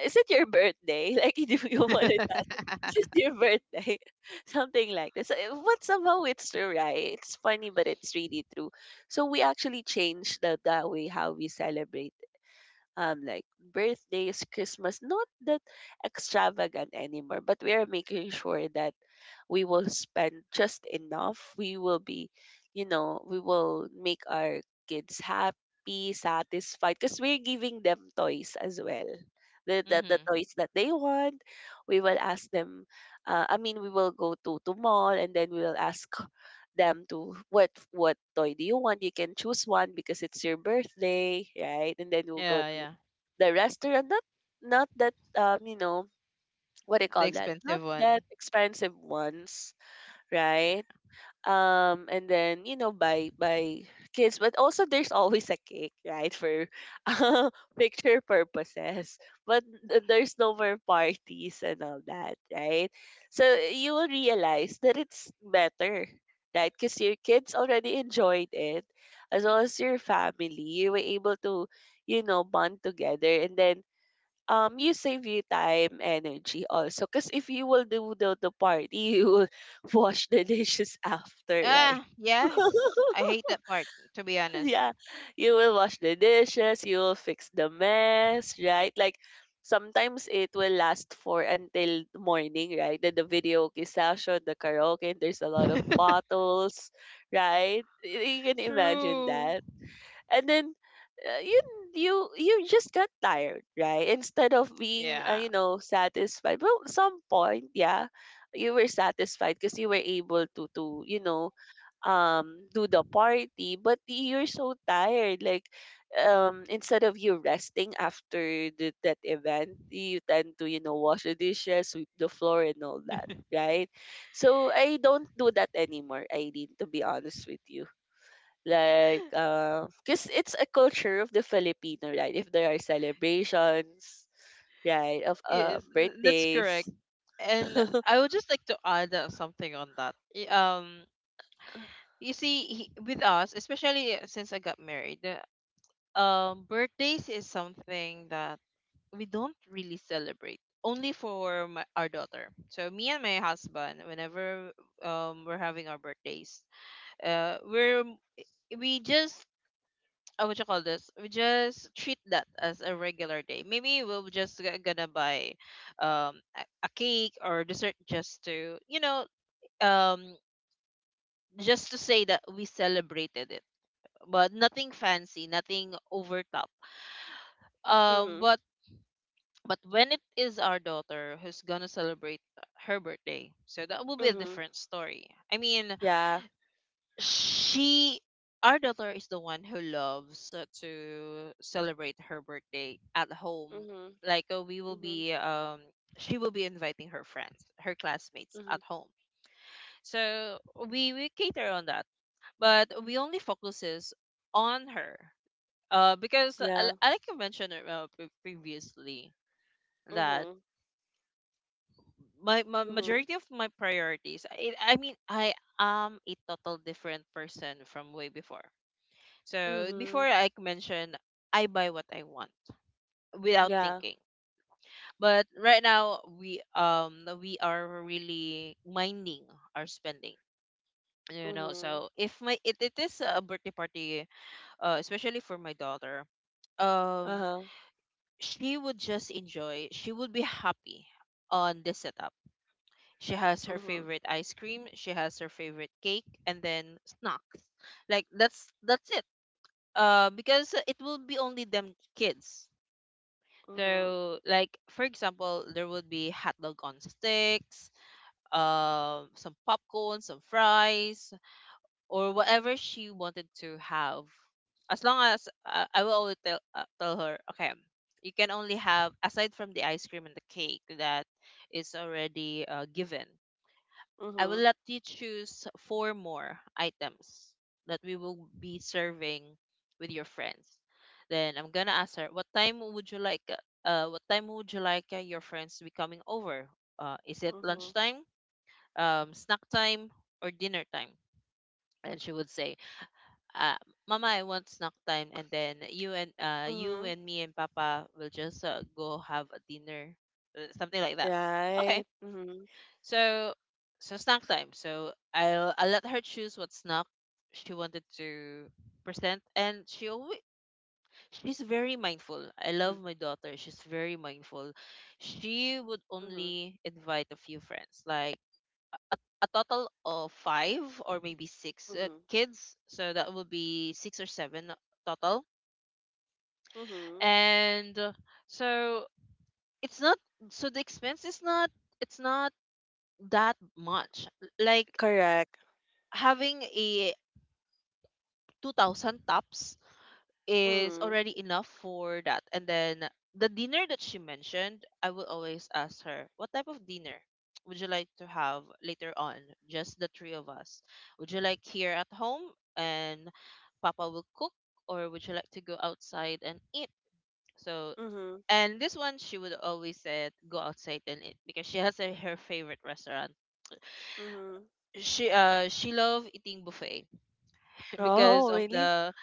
Speaker 1: is it your birthday? <laughs> Like, do
Speaker 2: <laughs>
Speaker 1: you want to.
Speaker 2: Mm-hmm.
Speaker 1: This is your birthday? <laughs> Something like this. But somehow it's true, right? It's funny, but it's really true. So we actually changed the way how we celebrate, like birthdays, Christmas, not that extravagant anymore, but we are making sure that we will spend just enough. We will be, you know, we will make our kids happy, satisfied, because we're giving them toys as well. The toys that they want, we will ask them. I mean, we will go to mall, and then we will ask them to what toy do you want? You can choose one because it's your birthday, right? And then we'll go
Speaker 2: Yeah,
Speaker 1: to
Speaker 2: yeah.
Speaker 1: the restaurant, not, not that, you know, what do you
Speaker 2: The
Speaker 1: call that, not
Speaker 2: expensive
Speaker 1: that
Speaker 2: one.
Speaker 1: expensive ones, right?
Speaker 2: Yeah.
Speaker 1: And then, you know, by kids. But also there's <laughs> always a cake, right, for <laughs> uh, picture purposes. But there's no more parties and all that, right? So you will realize that it's better, right, because your kids already enjoyed it, as well as your family. You were able to, you know, bond together. And then you save you time, energy also, because if you will do the party, you will <laughs> wash the dishes after, right?
Speaker 2: Ah, yes. I
Speaker 1: <laughs>
Speaker 2: hate that part, to be honest.
Speaker 1: Yeah, you will wash the dishes, you will fix the mess, right? Like sometimes it will last for until morning, right? Then the video session, the karaoke, and there's a lot of
Speaker 2: <laughs>
Speaker 1: bottles, right? You can imagine
Speaker 2: True.
Speaker 1: that. And then uh, you you, you just got tired, right, instead of being,
Speaker 2: Yeah.
Speaker 1: you know, satisfied. Well, some point, yeah, you were satisfied because you were able to you know, do the party. But you're so tired, like instead of you resting after that event, you tend to, you know, wash the dishes, sweep the floor, and all that, right? So I don't do that anymore, Aileen, to be honest with you. Like cause it's a culture of the Filipino, right? If there are celebrations, right, of
Speaker 2: Yes, that's
Speaker 1: birthdays.
Speaker 2: correct.
Speaker 1: <laughs>
Speaker 2: And I would just like to add something on that. You see, with us, especially since I got married, birthdays is something that we don't really celebrate, only for our daughter. So me and my husband, whenever we're having our birthdays, uh we're we just, what you call this, we just treat that as a regular day. Maybe we'll just gonna buy a cake or dessert, just to, um just to say that we celebrated it. But nothing fancy, nothing over top,
Speaker 1: Mhm.
Speaker 2: but. But when it is our daughter who's gonna celebrate her birthday, so that will be a
Speaker 1: Mhm.
Speaker 2: different story. I mean,
Speaker 1: Yeah.
Speaker 2: she, our daughter is the one who loves to celebrate her birthday at home.
Speaker 1: Mhm.
Speaker 2: Like we will
Speaker 1: Mhm.
Speaker 2: be, she will be inviting her friends, her classmates at
Speaker 1: Mhm.
Speaker 2: home. So we cater on that, but we only focuses on her. Because
Speaker 1: Yeah.
Speaker 2: like I mentioned previously, that
Speaker 1: Mhm.
Speaker 2: my
Speaker 1: Mhm.
Speaker 2: majority of my priorities I am a total different person from way before, so before
Speaker 1: Mhm.
Speaker 2: I mentioned I buy what I want without
Speaker 1: Yeah.
Speaker 2: thinking. But right now we are really minding our spending, you know.
Speaker 1: Mhm.
Speaker 2: So if my it is a birthday party, especially for my daughter, um
Speaker 1: Uh-huh.
Speaker 2: she would just enjoy, she would be happy on this setup. She has her
Speaker 1: Mhm.
Speaker 2: favorite ice cream, she has her favorite cake, and then snacks. Like that's it. Because it will be only them kids.
Speaker 1: Mhm.
Speaker 2: So, like for example, there would be hot dog on sticks, some popcorn, some fries, or whatever she wanted to have. As long as I will always tell tell her, okay, you can only have, aside from the ice cream and the cake that is already given, I will
Speaker 1: Mhm.
Speaker 2: let you choose four more items that we will be serving with your friends. Then I'm gonna ask her, what time would you like? What time would you like your friends to be coming over? Is it
Speaker 1: Mhm.
Speaker 2: lunchtime, snack time, or dinner time? And she would say, uh, "Mama, I want snack time. And then you and
Speaker 1: Mhm.
Speaker 2: me and Papa will just go have a dinner, something like that." Okay,
Speaker 1: Right. Mhm.
Speaker 2: so snack time. So I let her choose what snack she wanted to present, and she's very mindful. I love
Speaker 1: Mhm.
Speaker 2: my daughter. She's very mindful. She would
Speaker 1: Mhm.
Speaker 2: only invite a few friends, like a total of five or maybe six
Speaker 1: Mhm.
Speaker 2: kids. So that would be six or seven total.
Speaker 1: Mhm.
Speaker 2: And so it's not, so the expense is not that much. Like
Speaker 1: Correct.
Speaker 2: having a 2,000 tops is
Speaker 1: Mhm.
Speaker 2: already enough for that. And then the dinner that she mentioned, I will always ask her, what type of dinner would you like to have later on? Just the three of us. Would you like here at home and Papa will cook, or would you like to go outside and eat? So,
Speaker 1: Mhm.
Speaker 2: and This one, she would always say, go outside and eat because she has a, her favorite restaurant.
Speaker 1: Mhm.
Speaker 2: She love eating buffet because
Speaker 1: Oh,
Speaker 2: of
Speaker 1: really?
Speaker 2: the,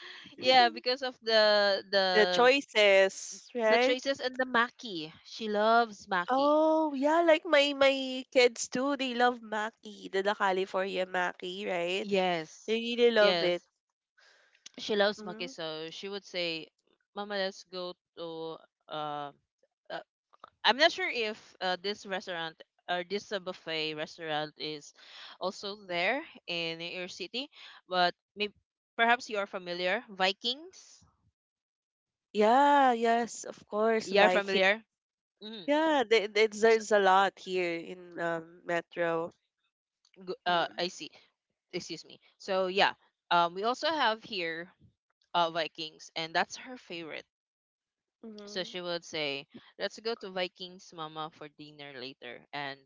Speaker 2: yeah,
Speaker 1: <laughs>
Speaker 2: because of
Speaker 1: The choices,
Speaker 2: the
Speaker 1: right?
Speaker 2: traces and the maki. She loves maki.
Speaker 1: Oh, yeah, like
Speaker 2: Eh,
Speaker 1: my kids too, they love Maki, the California Maki, right? They
Speaker 2: yes
Speaker 1: really love it.
Speaker 2: yes, she loves maki.
Speaker 1: Hmm.
Speaker 2: So she would say, Mama, let's go to uh, uh I'm not sure if this restaurant or this buffet restaurant is also there in your city, but maybe, perhaps you are familiar, Vikings.
Speaker 1: Yeah, yes, of course,
Speaker 2: You are
Speaker 1: Viking.
Speaker 2: familiar. Mm-hmm.
Speaker 1: Yeah,
Speaker 2: So,
Speaker 1: there's a lot here in Metro. Hmm.
Speaker 2: I see. Excuse me. So yeah, we also have here Vikings, and that's her favorite. So
Speaker 1: Hmm.
Speaker 2: she would say, "Let's go to Vikings, Mama, for dinner later." And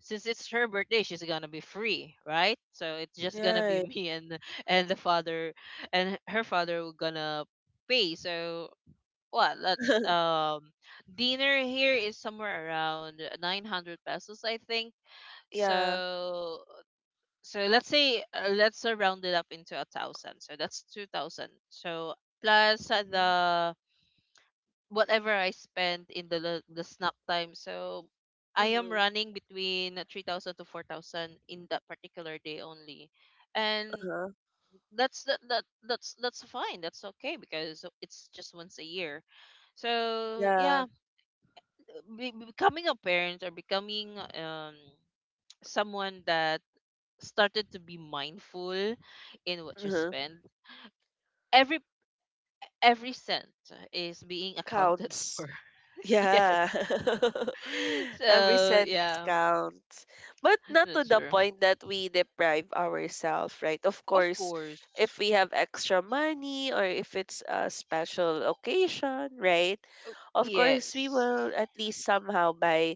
Speaker 2: since it's her birthday, she's gonna be free, right? So it's just gonna be <laughs>
Speaker 1: Yeah.
Speaker 2: me and the father, and her father were gonna pay. So what? Let's
Speaker 1: <laughs>
Speaker 2: dinner here is somewhere around 900 pesos, I think.
Speaker 1: Yeah.
Speaker 2: So, so let's say let's round it up into a thousand. So that's 2,000. So plus
Speaker 1: Mm-hmm.
Speaker 2: the whatever I spend in the snack time. So I am
Speaker 1: Mm-hmm.
Speaker 2: running between 3,000 to 4,000 in that particular day only, and
Speaker 1: Uh-huh.
Speaker 2: that's fine. That's okay because it's just once a year. So
Speaker 1: Yeah.
Speaker 2: yeah, becoming a parent or becoming someone that started to be mindful in what you
Speaker 1: Uh-huh.
Speaker 2: spend. Every every cent is being accounted
Speaker 1: Counts.
Speaker 2: for. <laughs>
Speaker 1: Yeah.
Speaker 2: Yes. <laughs>
Speaker 1: <laughs> Every
Speaker 2: So
Speaker 1: cent
Speaker 2: yeah,
Speaker 1: counts. But not to
Speaker 2: that's
Speaker 1: the
Speaker 2: true.
Speaker 1: point that we deprive ourselves, right? Of
Speaker 2: Of
Speaker 1: course,
Speaker 2: course.
Speaker 1: if we have extra money, or if it's a special occasion, right? Of course, we
Speaker 2: Yes.
Speaker 1: will at least somehow buy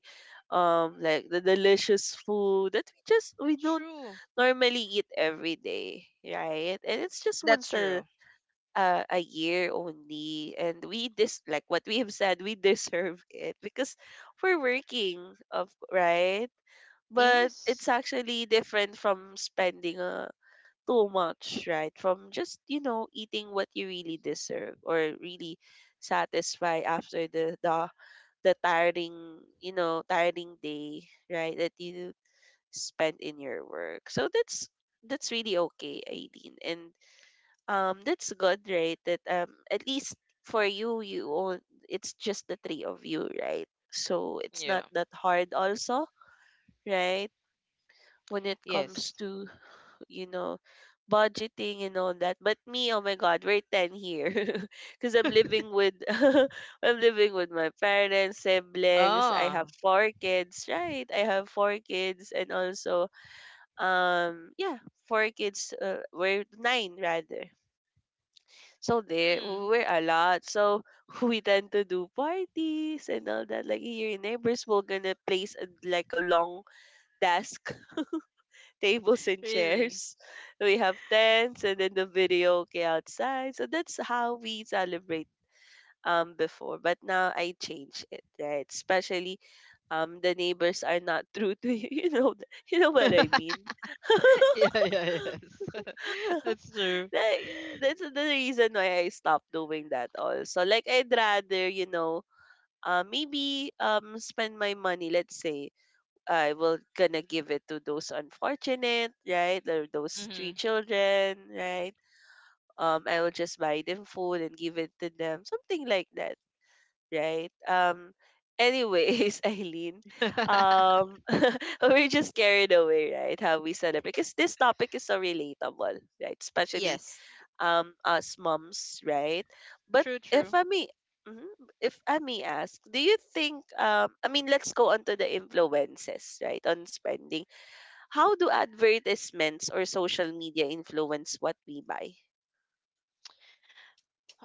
Speaker 1: like the delicious food that we just we don't
Speaker 2: True.
Speaker 1: normally eat every day, right? And it's just
Speaker 2: That's
Speaker 1: once
Speaker 2: true.
Speaker 1: a year only and we dis like what we have said, we deserve it because we're working of right. But it's
Speaker 2: Yes.
Speaker 1: actually different from spending too much, right? From just eating what you really deserve or really satisfy after the tiring, tiring day right that you spent in your work. So that's really okay, Aileen. And that's good, right? That at least for you, you own, it's just the three of you, right? So it's
Speaker 2: Yeah.
Speaker 1: not that hard, also, right? When it comes
Speaker 2: Yes.
Speaker 1: to, you know, budgeting and all that. But me, oh my God, we're ten here <laughs> because I'm
Speaker 2: <laughs>
Speaker 1: living with <laughs> I'm living with my parents, siblings. I have
Speaker 2: Ah.
Speaker 1: four kids, right? I have four kids, and also yeah, four kids. We're nine rather. So there,
Speaker 2: Hmm.
Speaker 1: we're a lot. So <laughs> we tend to do parties and all that. Like your neighbors will gonna place a, like a long desk, <laughs> tables and
Speaker 2: Really.
Speaker 1: chairs. We have tents and then the video karaoke outside. So that's how we celebrate before. But now I change it, right? Especially the neighbors are not <laughs> true to you. <laughs> You know, you know
Speaker 2: <laughs>
Speaker 1: what
Speaker 2: Yeah,
Speaker 1: I mean.
Speaker 2: yeah, yes. <laughs> That's true.
Speaker 1: Like that's the reason why I stopped doing that. Also, like I'd rather, you know, maybe spend my money, let's say I will gonna give it to those unfortunate, right? Or those three
Speaker 2: Mm-hmm.
Speaker 1: children, right? I will just buy them food and give it to them, something like that, right? Anyways, <laughs> Eileen,
Speaker 2: <laughs>
Speaker 1: um <laughs> we're just carried away, right? How we celebrate, because this topic is so relatable, right? Especially
Speaker 2: Yes.
Speaker 1: us moms, right? But
Speaker 2: True,
Speaker 1: if
Speaker 2: true.
Speaker 1: I may, mhm, if I may ask, do you think, I mean, let's go on to the influences, right? On spending. How do advertisements or social media influence what we buy?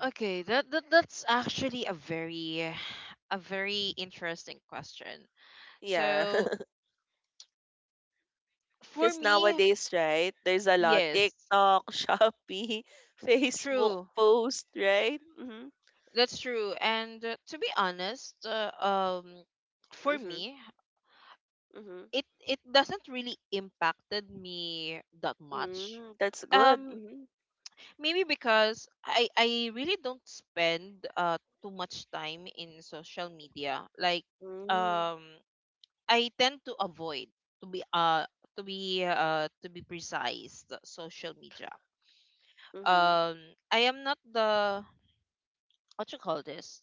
Speaker 2: Okay, that's actually a very interesting question.
Speaker 1: Yeah.
Speaker 2: So
Speaker 1: <laughs>
Speaker 2: for
Speaker 1: Because
Speaker 2: me,
Speaker 1: nowadays, right, there's a lot,
Speaker 2: yes,
Speaker 1: TikTok, <laughs> Shopee, Facebook
Speaker 2: true.
Speaker 1: post, right? Mm-hmm.
Speaker 2: That's true. And to be honest, for
Speaker 1: Mm-hmm.
Speaker 2: me,
Speaker 1: Mm-hmm.
Speaker 2: it doesn't really impacted me that much.
Speaker 1: Mm, that's good.
Speaker 2: Um,
Speaker 1: Mm-hmm.
Speaker 2: Maybe because I really don't spend too much time in social media. Like
Speaker 1: Mm-hmm.
Speaker 2: um. I tend to avoid to be to be precise the social media.
Speaker 1: Mm-hmm.
Speaker 2: Um I am not the, what you call this?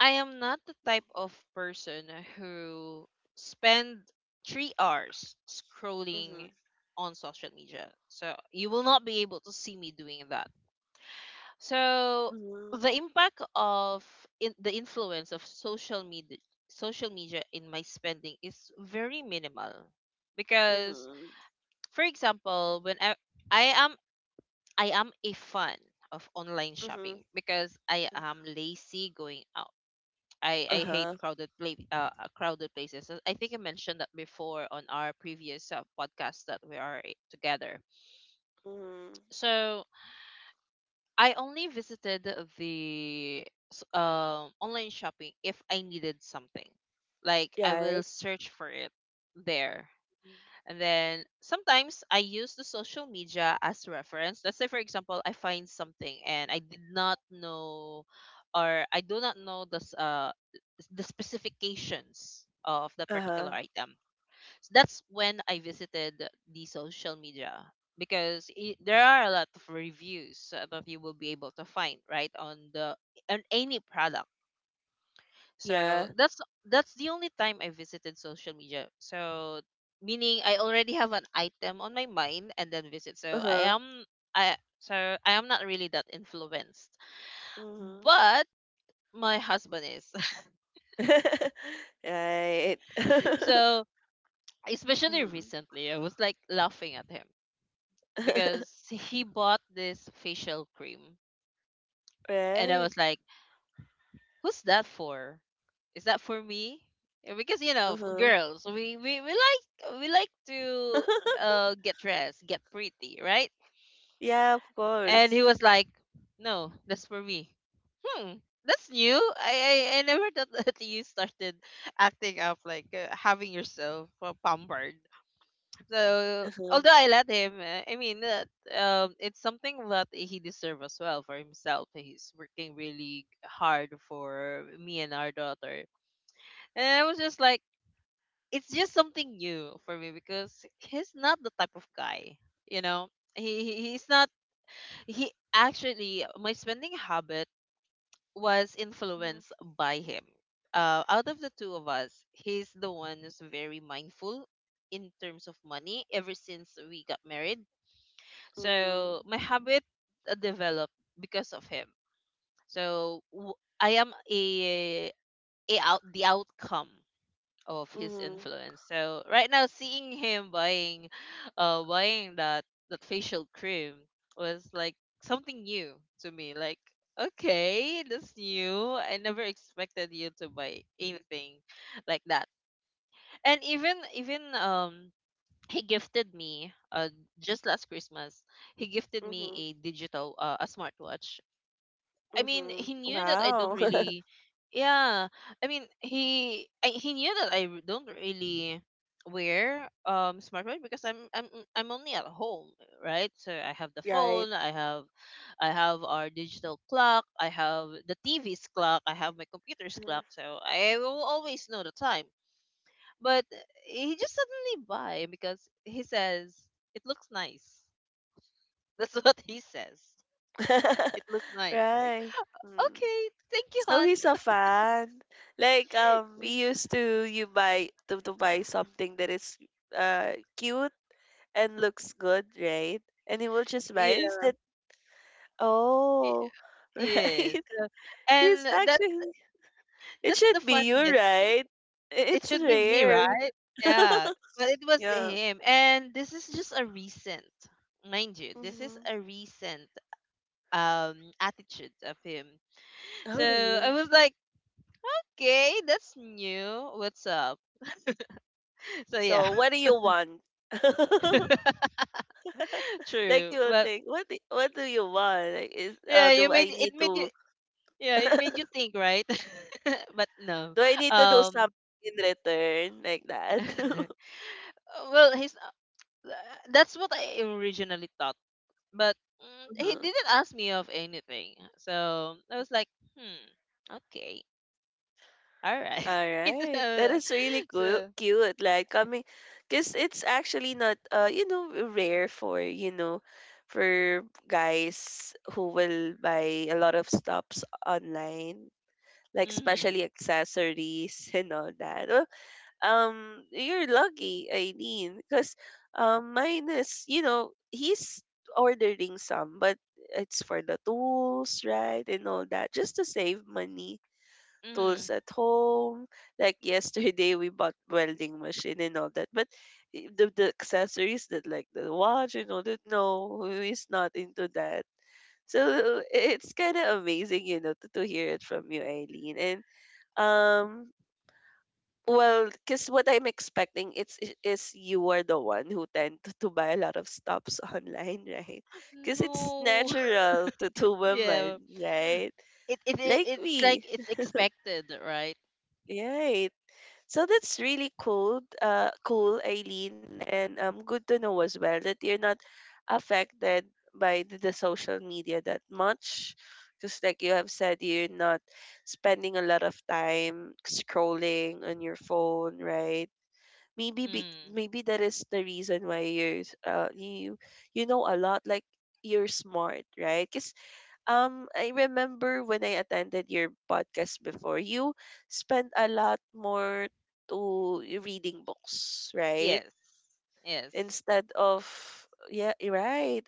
Speaker 2: I am not the type of person who spend 3 hours
Speaker 1: Mm-hmm.
Speaker 2: scrolling on social media. So you will not be able to see me doing that. So the
Speaker 1: Mm-hmm.
Speaker 2: impact of the influence of social media in my spending is very minimal because
Speaker 1: Mm-hmm.
Speaker 2: for example, I am a fan of online
Speaker 1: Mm-hmm.
Speaker 2: shopping because I am lazy going out. I hate
Speaker 1: Uh-huh.
Speaker 2: crowded places. So, I think I mentioned that before on our previous podcast that we are together.
Speaker 1: Mm-hmm.
Speaker 2: So I only visited online shopping if I needed something. Like I
Speaker 1: Yeah, right?
Speaker 2: will search for it there. And then sometimes I use the social media as reference. Let's say, for example, I find something and I did not know, or I do not know the specifications of the
Speaker 1: Uh-huh.
Speaker 2: particular item. So that's when I visited the social media because I there are a lot of reviews that you will be able to find, right, on the on any product. So
Speaker 1: Yeah.
Speaker 2: that's the only time I visited social media. So meaning I already have an item on my mind and then visit. So
Speaker 1: Uh-huh.
Speaker 2: I am not really that influenced.
Speaker 1: Mm-hmm.
Speaker 2: But my husband is. <laughs>
Speaker 1: <laughs> Right. <laughs>
Speaker 2: So especially
Speaker 1: Mm-hmm.
Speaker 2: recently I was like laughing at him because
Speaker 1: <laughs>
Speaker 2: he bought this facial cream, and I
Speaker 1: Right.
Speaker 2: was like, who's that for? Is that for me? Eh, because you know,
Speaker 1: Uh-huh.
Speaker 2: girls, we like to
Speaker 1: <laughs>
Speaker 2: get dressed, get pretty, right?
Speaker 1: Yeah, of
Speaker 2: And he
Speaker 1: course.
Speaker 2: was like, no, that's for me. Hmm, that's new. I I never thought <laughs> that you started acting up like having yourself pampered. So
Speaker 1: Uh-huh.
Speaker 2: although I let him, I mean that it's something that he deserves as well for himself. He's working really hard for me and our daughter, and I was just like, it's just something new for me because he's not the type of guy, you know. He's not. He actually, my spending habit was influenced
Speaker 1: Mm-hmm.
Speaker 2: by him. Out of the two of us, he's the one who's very mindful in terms of money ever since we got married.
Speaker 1: Mm-hmm.
Speaker 2: So my habit developed because of him. So w- I am a out the outcome of his influence. So right now, seeing him buying, that that facial cream was like something new to me. Like, okay, that's new. I never expected you to buy anything like that. And even even. He gifted me just last Christmas. He gifted me
Speaker 1: Mm-hmm.
Speaker 2: a digital a smartwatch. I mean,
Speaker 1: Mm-hmm.
Speaker 2: he knew that I don't
Speaker 1: Wow. <laughs>
Speaker 2: really, yeah. I mean, he knew that don't really wear smartwatch because I'm only at home, right? So I have the
Speaker 1: Right.
Speaker 2: phone, I have our digital clock, I have the TV's clock, I have my computer's
Speaker 1: Mhm.
Speaker 2: clock, so I will always know the time. But he just suddenly buy because he says it looks nice. <laughs> That's what he says. It
Speaker 1: <laughs>
Speaker 2: looks nice. Like,
Speaker 1: Right. Mm.
Speaker 2: okay, thank you,
Speaker 1: So
Speaker 2: hon.
Speaker 1: he's a fan. Like
Speaker 2: Yeah,
Speaker 1: we used to to buy something that is cute and looks good, right? And he will just buy it. Is that,
Speaker 2: it
Speaker 1: oh, <laughs>
Speaker 2: is.
Speaker 1: right?
Speaker 2: And
Speaker 1: He's actually, it
Speaker 2: that's
Speaker 1: should
Speaker 2: the
Speaker 1: be you,
Speaker 2: funniest thing.
Speaker 1: right?
Speaker 2: It
Speaker 1: It's
Speaker 2: should be me,
Speaker 1: rare.
Speaker 2: right?
Speaker 1: <laughs>
Speaker 2: Yeah. But it was
Speaker 1: Yeah.
Speaker 2: him. And this is just a recent, mind you, this is
Speaker 1: Hmm.
Speaker 2: a recent attitude of him.
Speaker 1: Oh
Speaker 2: So I
Speaker 1: really?
Speaker 2: was like, okay, that's new. What's up? <laughs> So yeah,
Speaker 1: So what do you want? <laughs>
Speaker 2: <laughs>
Speaker 1: Like
Speaker 2: true.
Speaker 1: you will
Speaker 2: But
Speaker 1: think, what do you want? Like, is
Speaker 2: yeah, you
Speaker 1: do
Speaker 2: made
Speaker 1: I
Speaker 2: it
Speaker 1: need
Speaker 2: made you,
Speaker 1: to,
Speaker 2: yeah, it made
Speaker 1: <laughs>
Speaker 2: you think, right? <laughs> But no.
Speaker 1: do I need to do
Speaker 2: Um
Speaker 1: something in return, like that? <laughs>
Speaker 2: <laughs> well, he's, that's what I originally thought, but mm, he
Speaker 1: Mhm.
Speaker 2: didn't ask me of anything. So I was like, hmm, okay, all right. <laughs>
Speaker 1: Alright, that
Speaker 2: So,
Speaker 1: is really cool,
Speaker 2: so
Speaker 1: cute. Like coming, cause it's actually not, you know, rare for, you know, for guys who will buy a lot of stops online, like
Speaker 2: mm-hmm,
Speaker 1: especially accessories <laughs> and all that. Well, you're lucky, Eileen, cause mine is, you know, he's ordering some, but it's for the tools, right, and all that, just to save money,
Speaker 2: mm-hmm.
Speaker 1: tools at home. Like yesterday, we bought welding machine and all that. But the accessories that like the watch and all that, no, he's not into that. So it's kind of amazing, you know, to hear it from you, Eileen. And um, well, because what I'm expecting it's is you are the one who tend to buy a lot of stops <laughs> online, right? Because it's
Speaker 2: No,
Speaker 1: natural
Speaker 2: <laughs>
Speaker 1: to women,
Speaker 2: yeah.
Speaker 1: right? Like
Speaker 2: It's like
Speaker 1: me,
Speaker 2: it's expected, right?
Speaker 1: yeah. So that's really cool, cool, Eileen, and good to know as well that you're not affected by the social media that much, because like you have said, you're not spending a lot of time scrolling on your phone, right?
Speaker 2: Mm.
Speaker 1: Maybe that is the reason why you're you, you know, a lot, like you're smart, right? Because I remember when I attended your podcast before, you spent a lot more to reading books, right?
Speaker 2: Yes, yes.
Speaker 1: Instead of, yeah, you're right.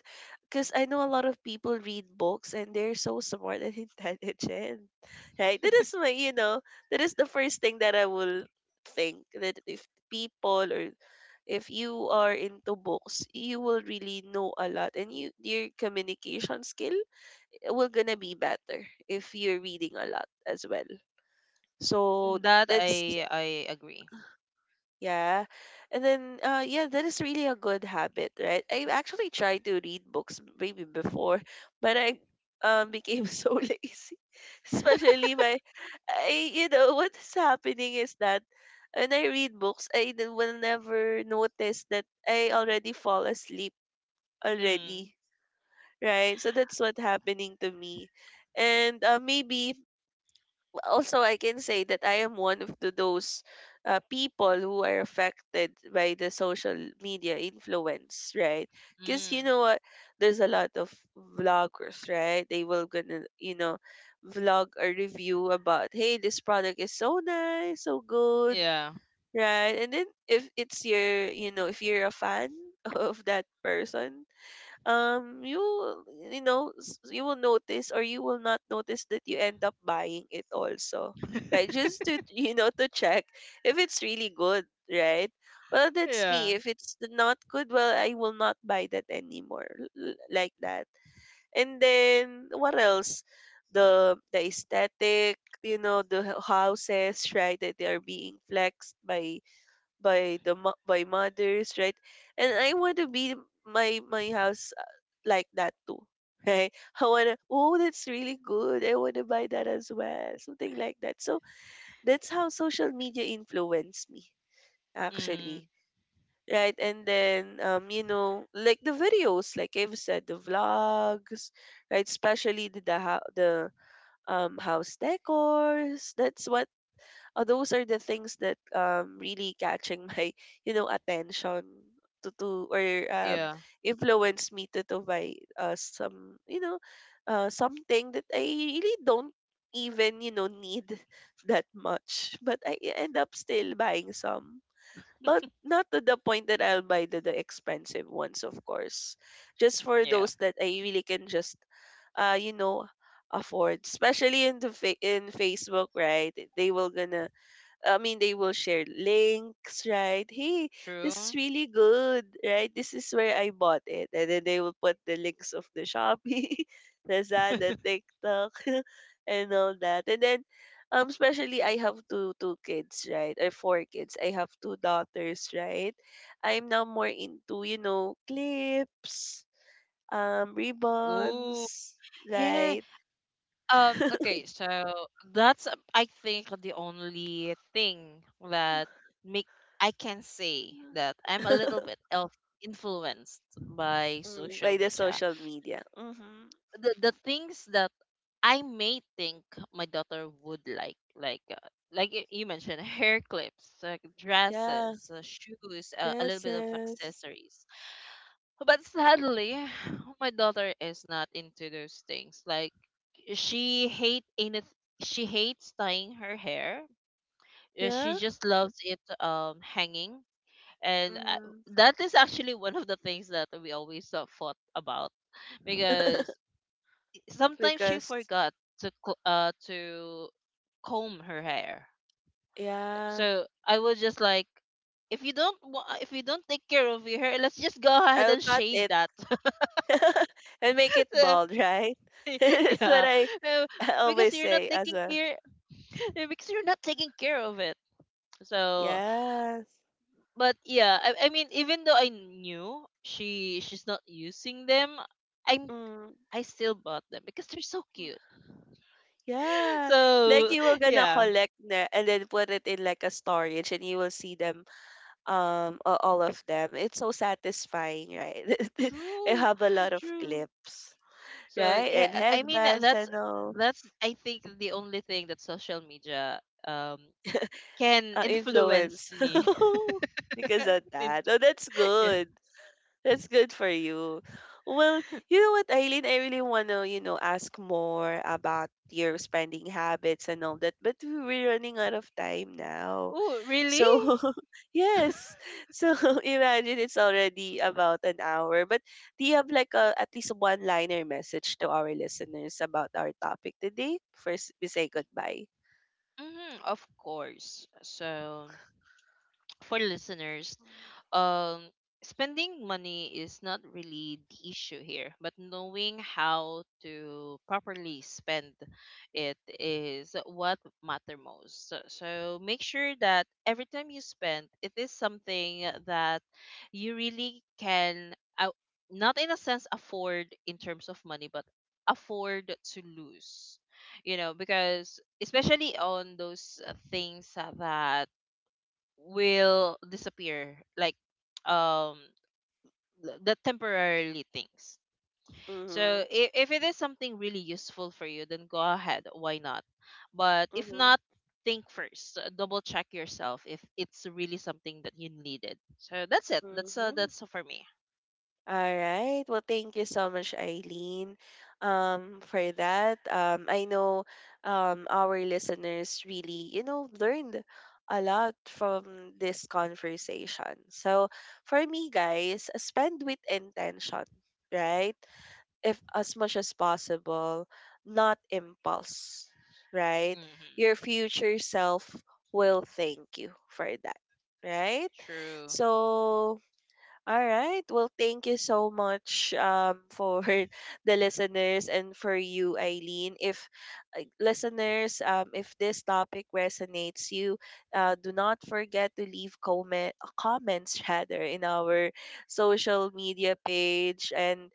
Speaker 1: Because I know a lot of people read books and they're so smart and <laughs> intelligent, right? That is my, you know, that is the first thing that I will think, that if people or if you are into books, you will really know a lot and you your communication skill will gonna be better if you're reading a lot as well. So
Speaker 2: That
Speaker 1: that's,
Speaker 2: I agree.
Speaker 1: yeah. And then yeah, that is really a good habit, right? I actually tried to read books maybe before, but I became <laughs> so lazy. Especially my, I, you know what is happening is that when I read books, will never notice that I already fall asleep
Speaker 2: Mm,
Speaker 1: already, right? So that's what happening to me. And maybe also I can say that I am one of the, those people who are affected by the social media influence, right? Because you
Speaker 2: mm,
Speaker 1: know what, there's a lot of vloggers, right? They will gonna, you know, vlog a review about, hey, this product is so nice, so good,
Speaker 2: yeah.
Speaker 1: right? And then if it's your, you know, if you're a fan <laughs> of that person, you, you know, you will notice or you will not notice that you end up buying it also, right, just
Speaker 2: <laughs>
Speaker 1: to, <laughs> you know, to check if it's really good, right? Well, that's me,
Speaker 2: Yeah.
Speaker 1: if it's not good, well, I will not buy that anymore, like that. And then what else, the aesthetic, you know, the houses, right, that they are being flexed by the by mothers, right? And I want to be, my house like that too, right? <laughs> I wanna, oh that's really good. I wanna buy that as well, something like that. So that's how social media influenced me,
Speaker 2: Mm.
Speaker 1: actually. Right, and then you know, like the videos, like I've said, the vlogs, right? Especially the the house decors. That's what those are the things that really catching my <laughs> you know attention to, or um
Speaker 2: Yeah.
Speaker 1: influence me to buy some, you know, something that I really don't even, you know, need <laughs> that much, but I end up still buying some, but not to the point that I'll buy the expensive ones of course, just for
Speaker 2: Yeah.
Speaker 1: those that I really can just you know afford, especially in the in Facebook, right? They will gonna, I mean, they will share links, right? Hey, this is
Speaker 2: True.
Speaker 1: really good, right? This is where I bought it. And then they will put the links of the Shopee, <laughs> Lazada,
Speaker 2: <laughs>
Speaker 1: TikTok, <laughs> and all that. And then, especially I have two kids, right? Or four kids. I have two daughters, right? I'm now more into, you know, clips,
Speaker 2: Ooh,
Speaker 1: ribbons,
Speaker 2: yeah.
Speaker 1: right? <laughs>
Speaker 2: Okay, so that's I think the only thing that make I can say that I'm a little bit of influenced by
Speaker 1: Mm,
Speaker 2: social
Speaker 1: by the
Speaker 2: media.
Speaker 1: social media. Mm-hmm.
Speaker 2: The things that I may think my daughter would like you mentioned, <laughs> hair clips, like
Speaker 1: Yeah.
Speaker 2: dresses, shoes, a little
Speaker 1: Yes,
Speaker 2: bit of
Speaker 1: yes.
Speaker 2: accessories. But sadly, <sighs> my daughter is not into those things. Like, She hate anyth- she hates tying her hair. She
Speaker 1: Yeah.
Speaker 2: just loves it hanging. And
Speaker 1: Mm-hmm.
Speaker 2: that is actually one of the things that we always fought about because sometimes she
Speaker 1: Because,
Speaker 2: forgot to comb her hair.
Speaker 1: yeah.
Speaker 2: So I was just like, if you don't take care of your hair, let's just go ahead
Speaker 1: I'll
Speaker 2: and
Speaker 1: cut
Speaker 2: shave
Speaker 1: it,
Speaker 2: that. <laughs>
Speaker 1: <laughs> and
Speaker 2: So,
Speaker 1: make it bald, right?
Speaker 2: <laughs>
Speaker 1: <laughs> That's what
Speaker 2: yeah,
Speaker 1: I,
Speaker 2: uh,
Speaker 1: <laughs> I
Speaker 2: because
Speaker 1: always
Speaker 2: you're not
Speaker 1: say as
Speaker 2: taking
Speaker 1: a,
Speaker 2: care <laughs> because you're not taking care of it. So
Speaker 1: yes.
Speaker 2: but yeah, I mean, even though I knew she's not using them, I'm
Speaker 1: Mm.
Speaker 2: I still bought them because they're so cute. <laughs>
Speaker 1: Yeah. Like
Speaker 2: So
Speaker 1: you were gonna
Speaker 2: yeah,
Speaker 1: collect na and then put it in like a storage and you will see them all of them. It's so satisfying, right? <laughs> I
Speaker 2: true,
Speaker 1: have a lot of
Speaker 2: true.
Speaker 1: clips,
Speaker 2: So
Speaker 1: right? And
Speaker 2: yeah, I mean
Speaker 1: headbands and all.
Speaker 2: that's I think the only thing that social media um can influence
Speaker 1: Influence.
Speaker 2: me.
Speaker 1: <laughs> Because of
Speaker 2: <laughs>
Speaker 1: that.
Speaker 2: Into,
Speaker 1: Oh, that's
Speaker 2: yeah.
Speaker 1: good. That's good for you. Well, you know what, Eileen? I really want to, you know, ask more about your spending habits and all that, but we're running out of time now.
Speaker 2: Oh really?
Speaker 1: So, <laughs> yes. So, <laughs> imagine it's already about an hour. But do you have like a, at least one liner message to our listeners about our topic today? First, we say goodbye.
Speaker 2: Mm-hmm, of course. So, for listeners, um, spending money is not really the issue here, but knowing how to properly spend it is what matter most. So, so make sure that every time you spend, it is something that you really can, not in a sense afford in terms of money, but afford to lose. You know, because especially on those things that will disappear like um the temporarily things.
Speaker 1: Mm-hmm.
Speaker 2: So if it is something really useful for you, then go ahead, why not? But if
Speaker 1: Mm-hmm.
Speaker 2: not, think first, double check yourself if it's really something that you needed. So that's it.
Speaker 1: Mm-hmm.
Speaker 2: That's for me.
Speaker 1: All right. Well, thank you so much, Eileen, for that. I know our listeners really, you know, learned a lot from this conversation. So, for me, guys, spend with intention, right? If as much as possible, not impulse, right?
Speaker 2: Hmm.
Speaker 1: Your future self will thank you for that, right?
Speaker 2: True.
Speaker 1: So, all right. Well, thank you so much for <laughs> the listeners and for you, Eileen. If listeners, if this topic resonates you, do not forget to leave comments rather in our social media page,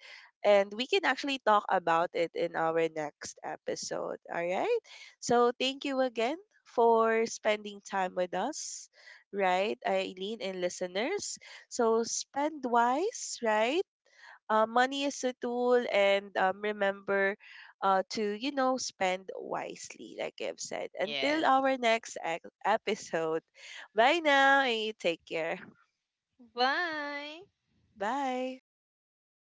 Speaker 1: and we can actually talk about it in our next episode. All right. So thank you again for spending time with us, right, Eileen and listeners. So spend wise, right? Money is a tool, and remember to, you know, spend wisely, like I've said. Until
Speaker 2: Yes.
Speaker 1: our next episode, bye now, and you take care.
Speaker 2: Bye.
Speaker 1: Bye.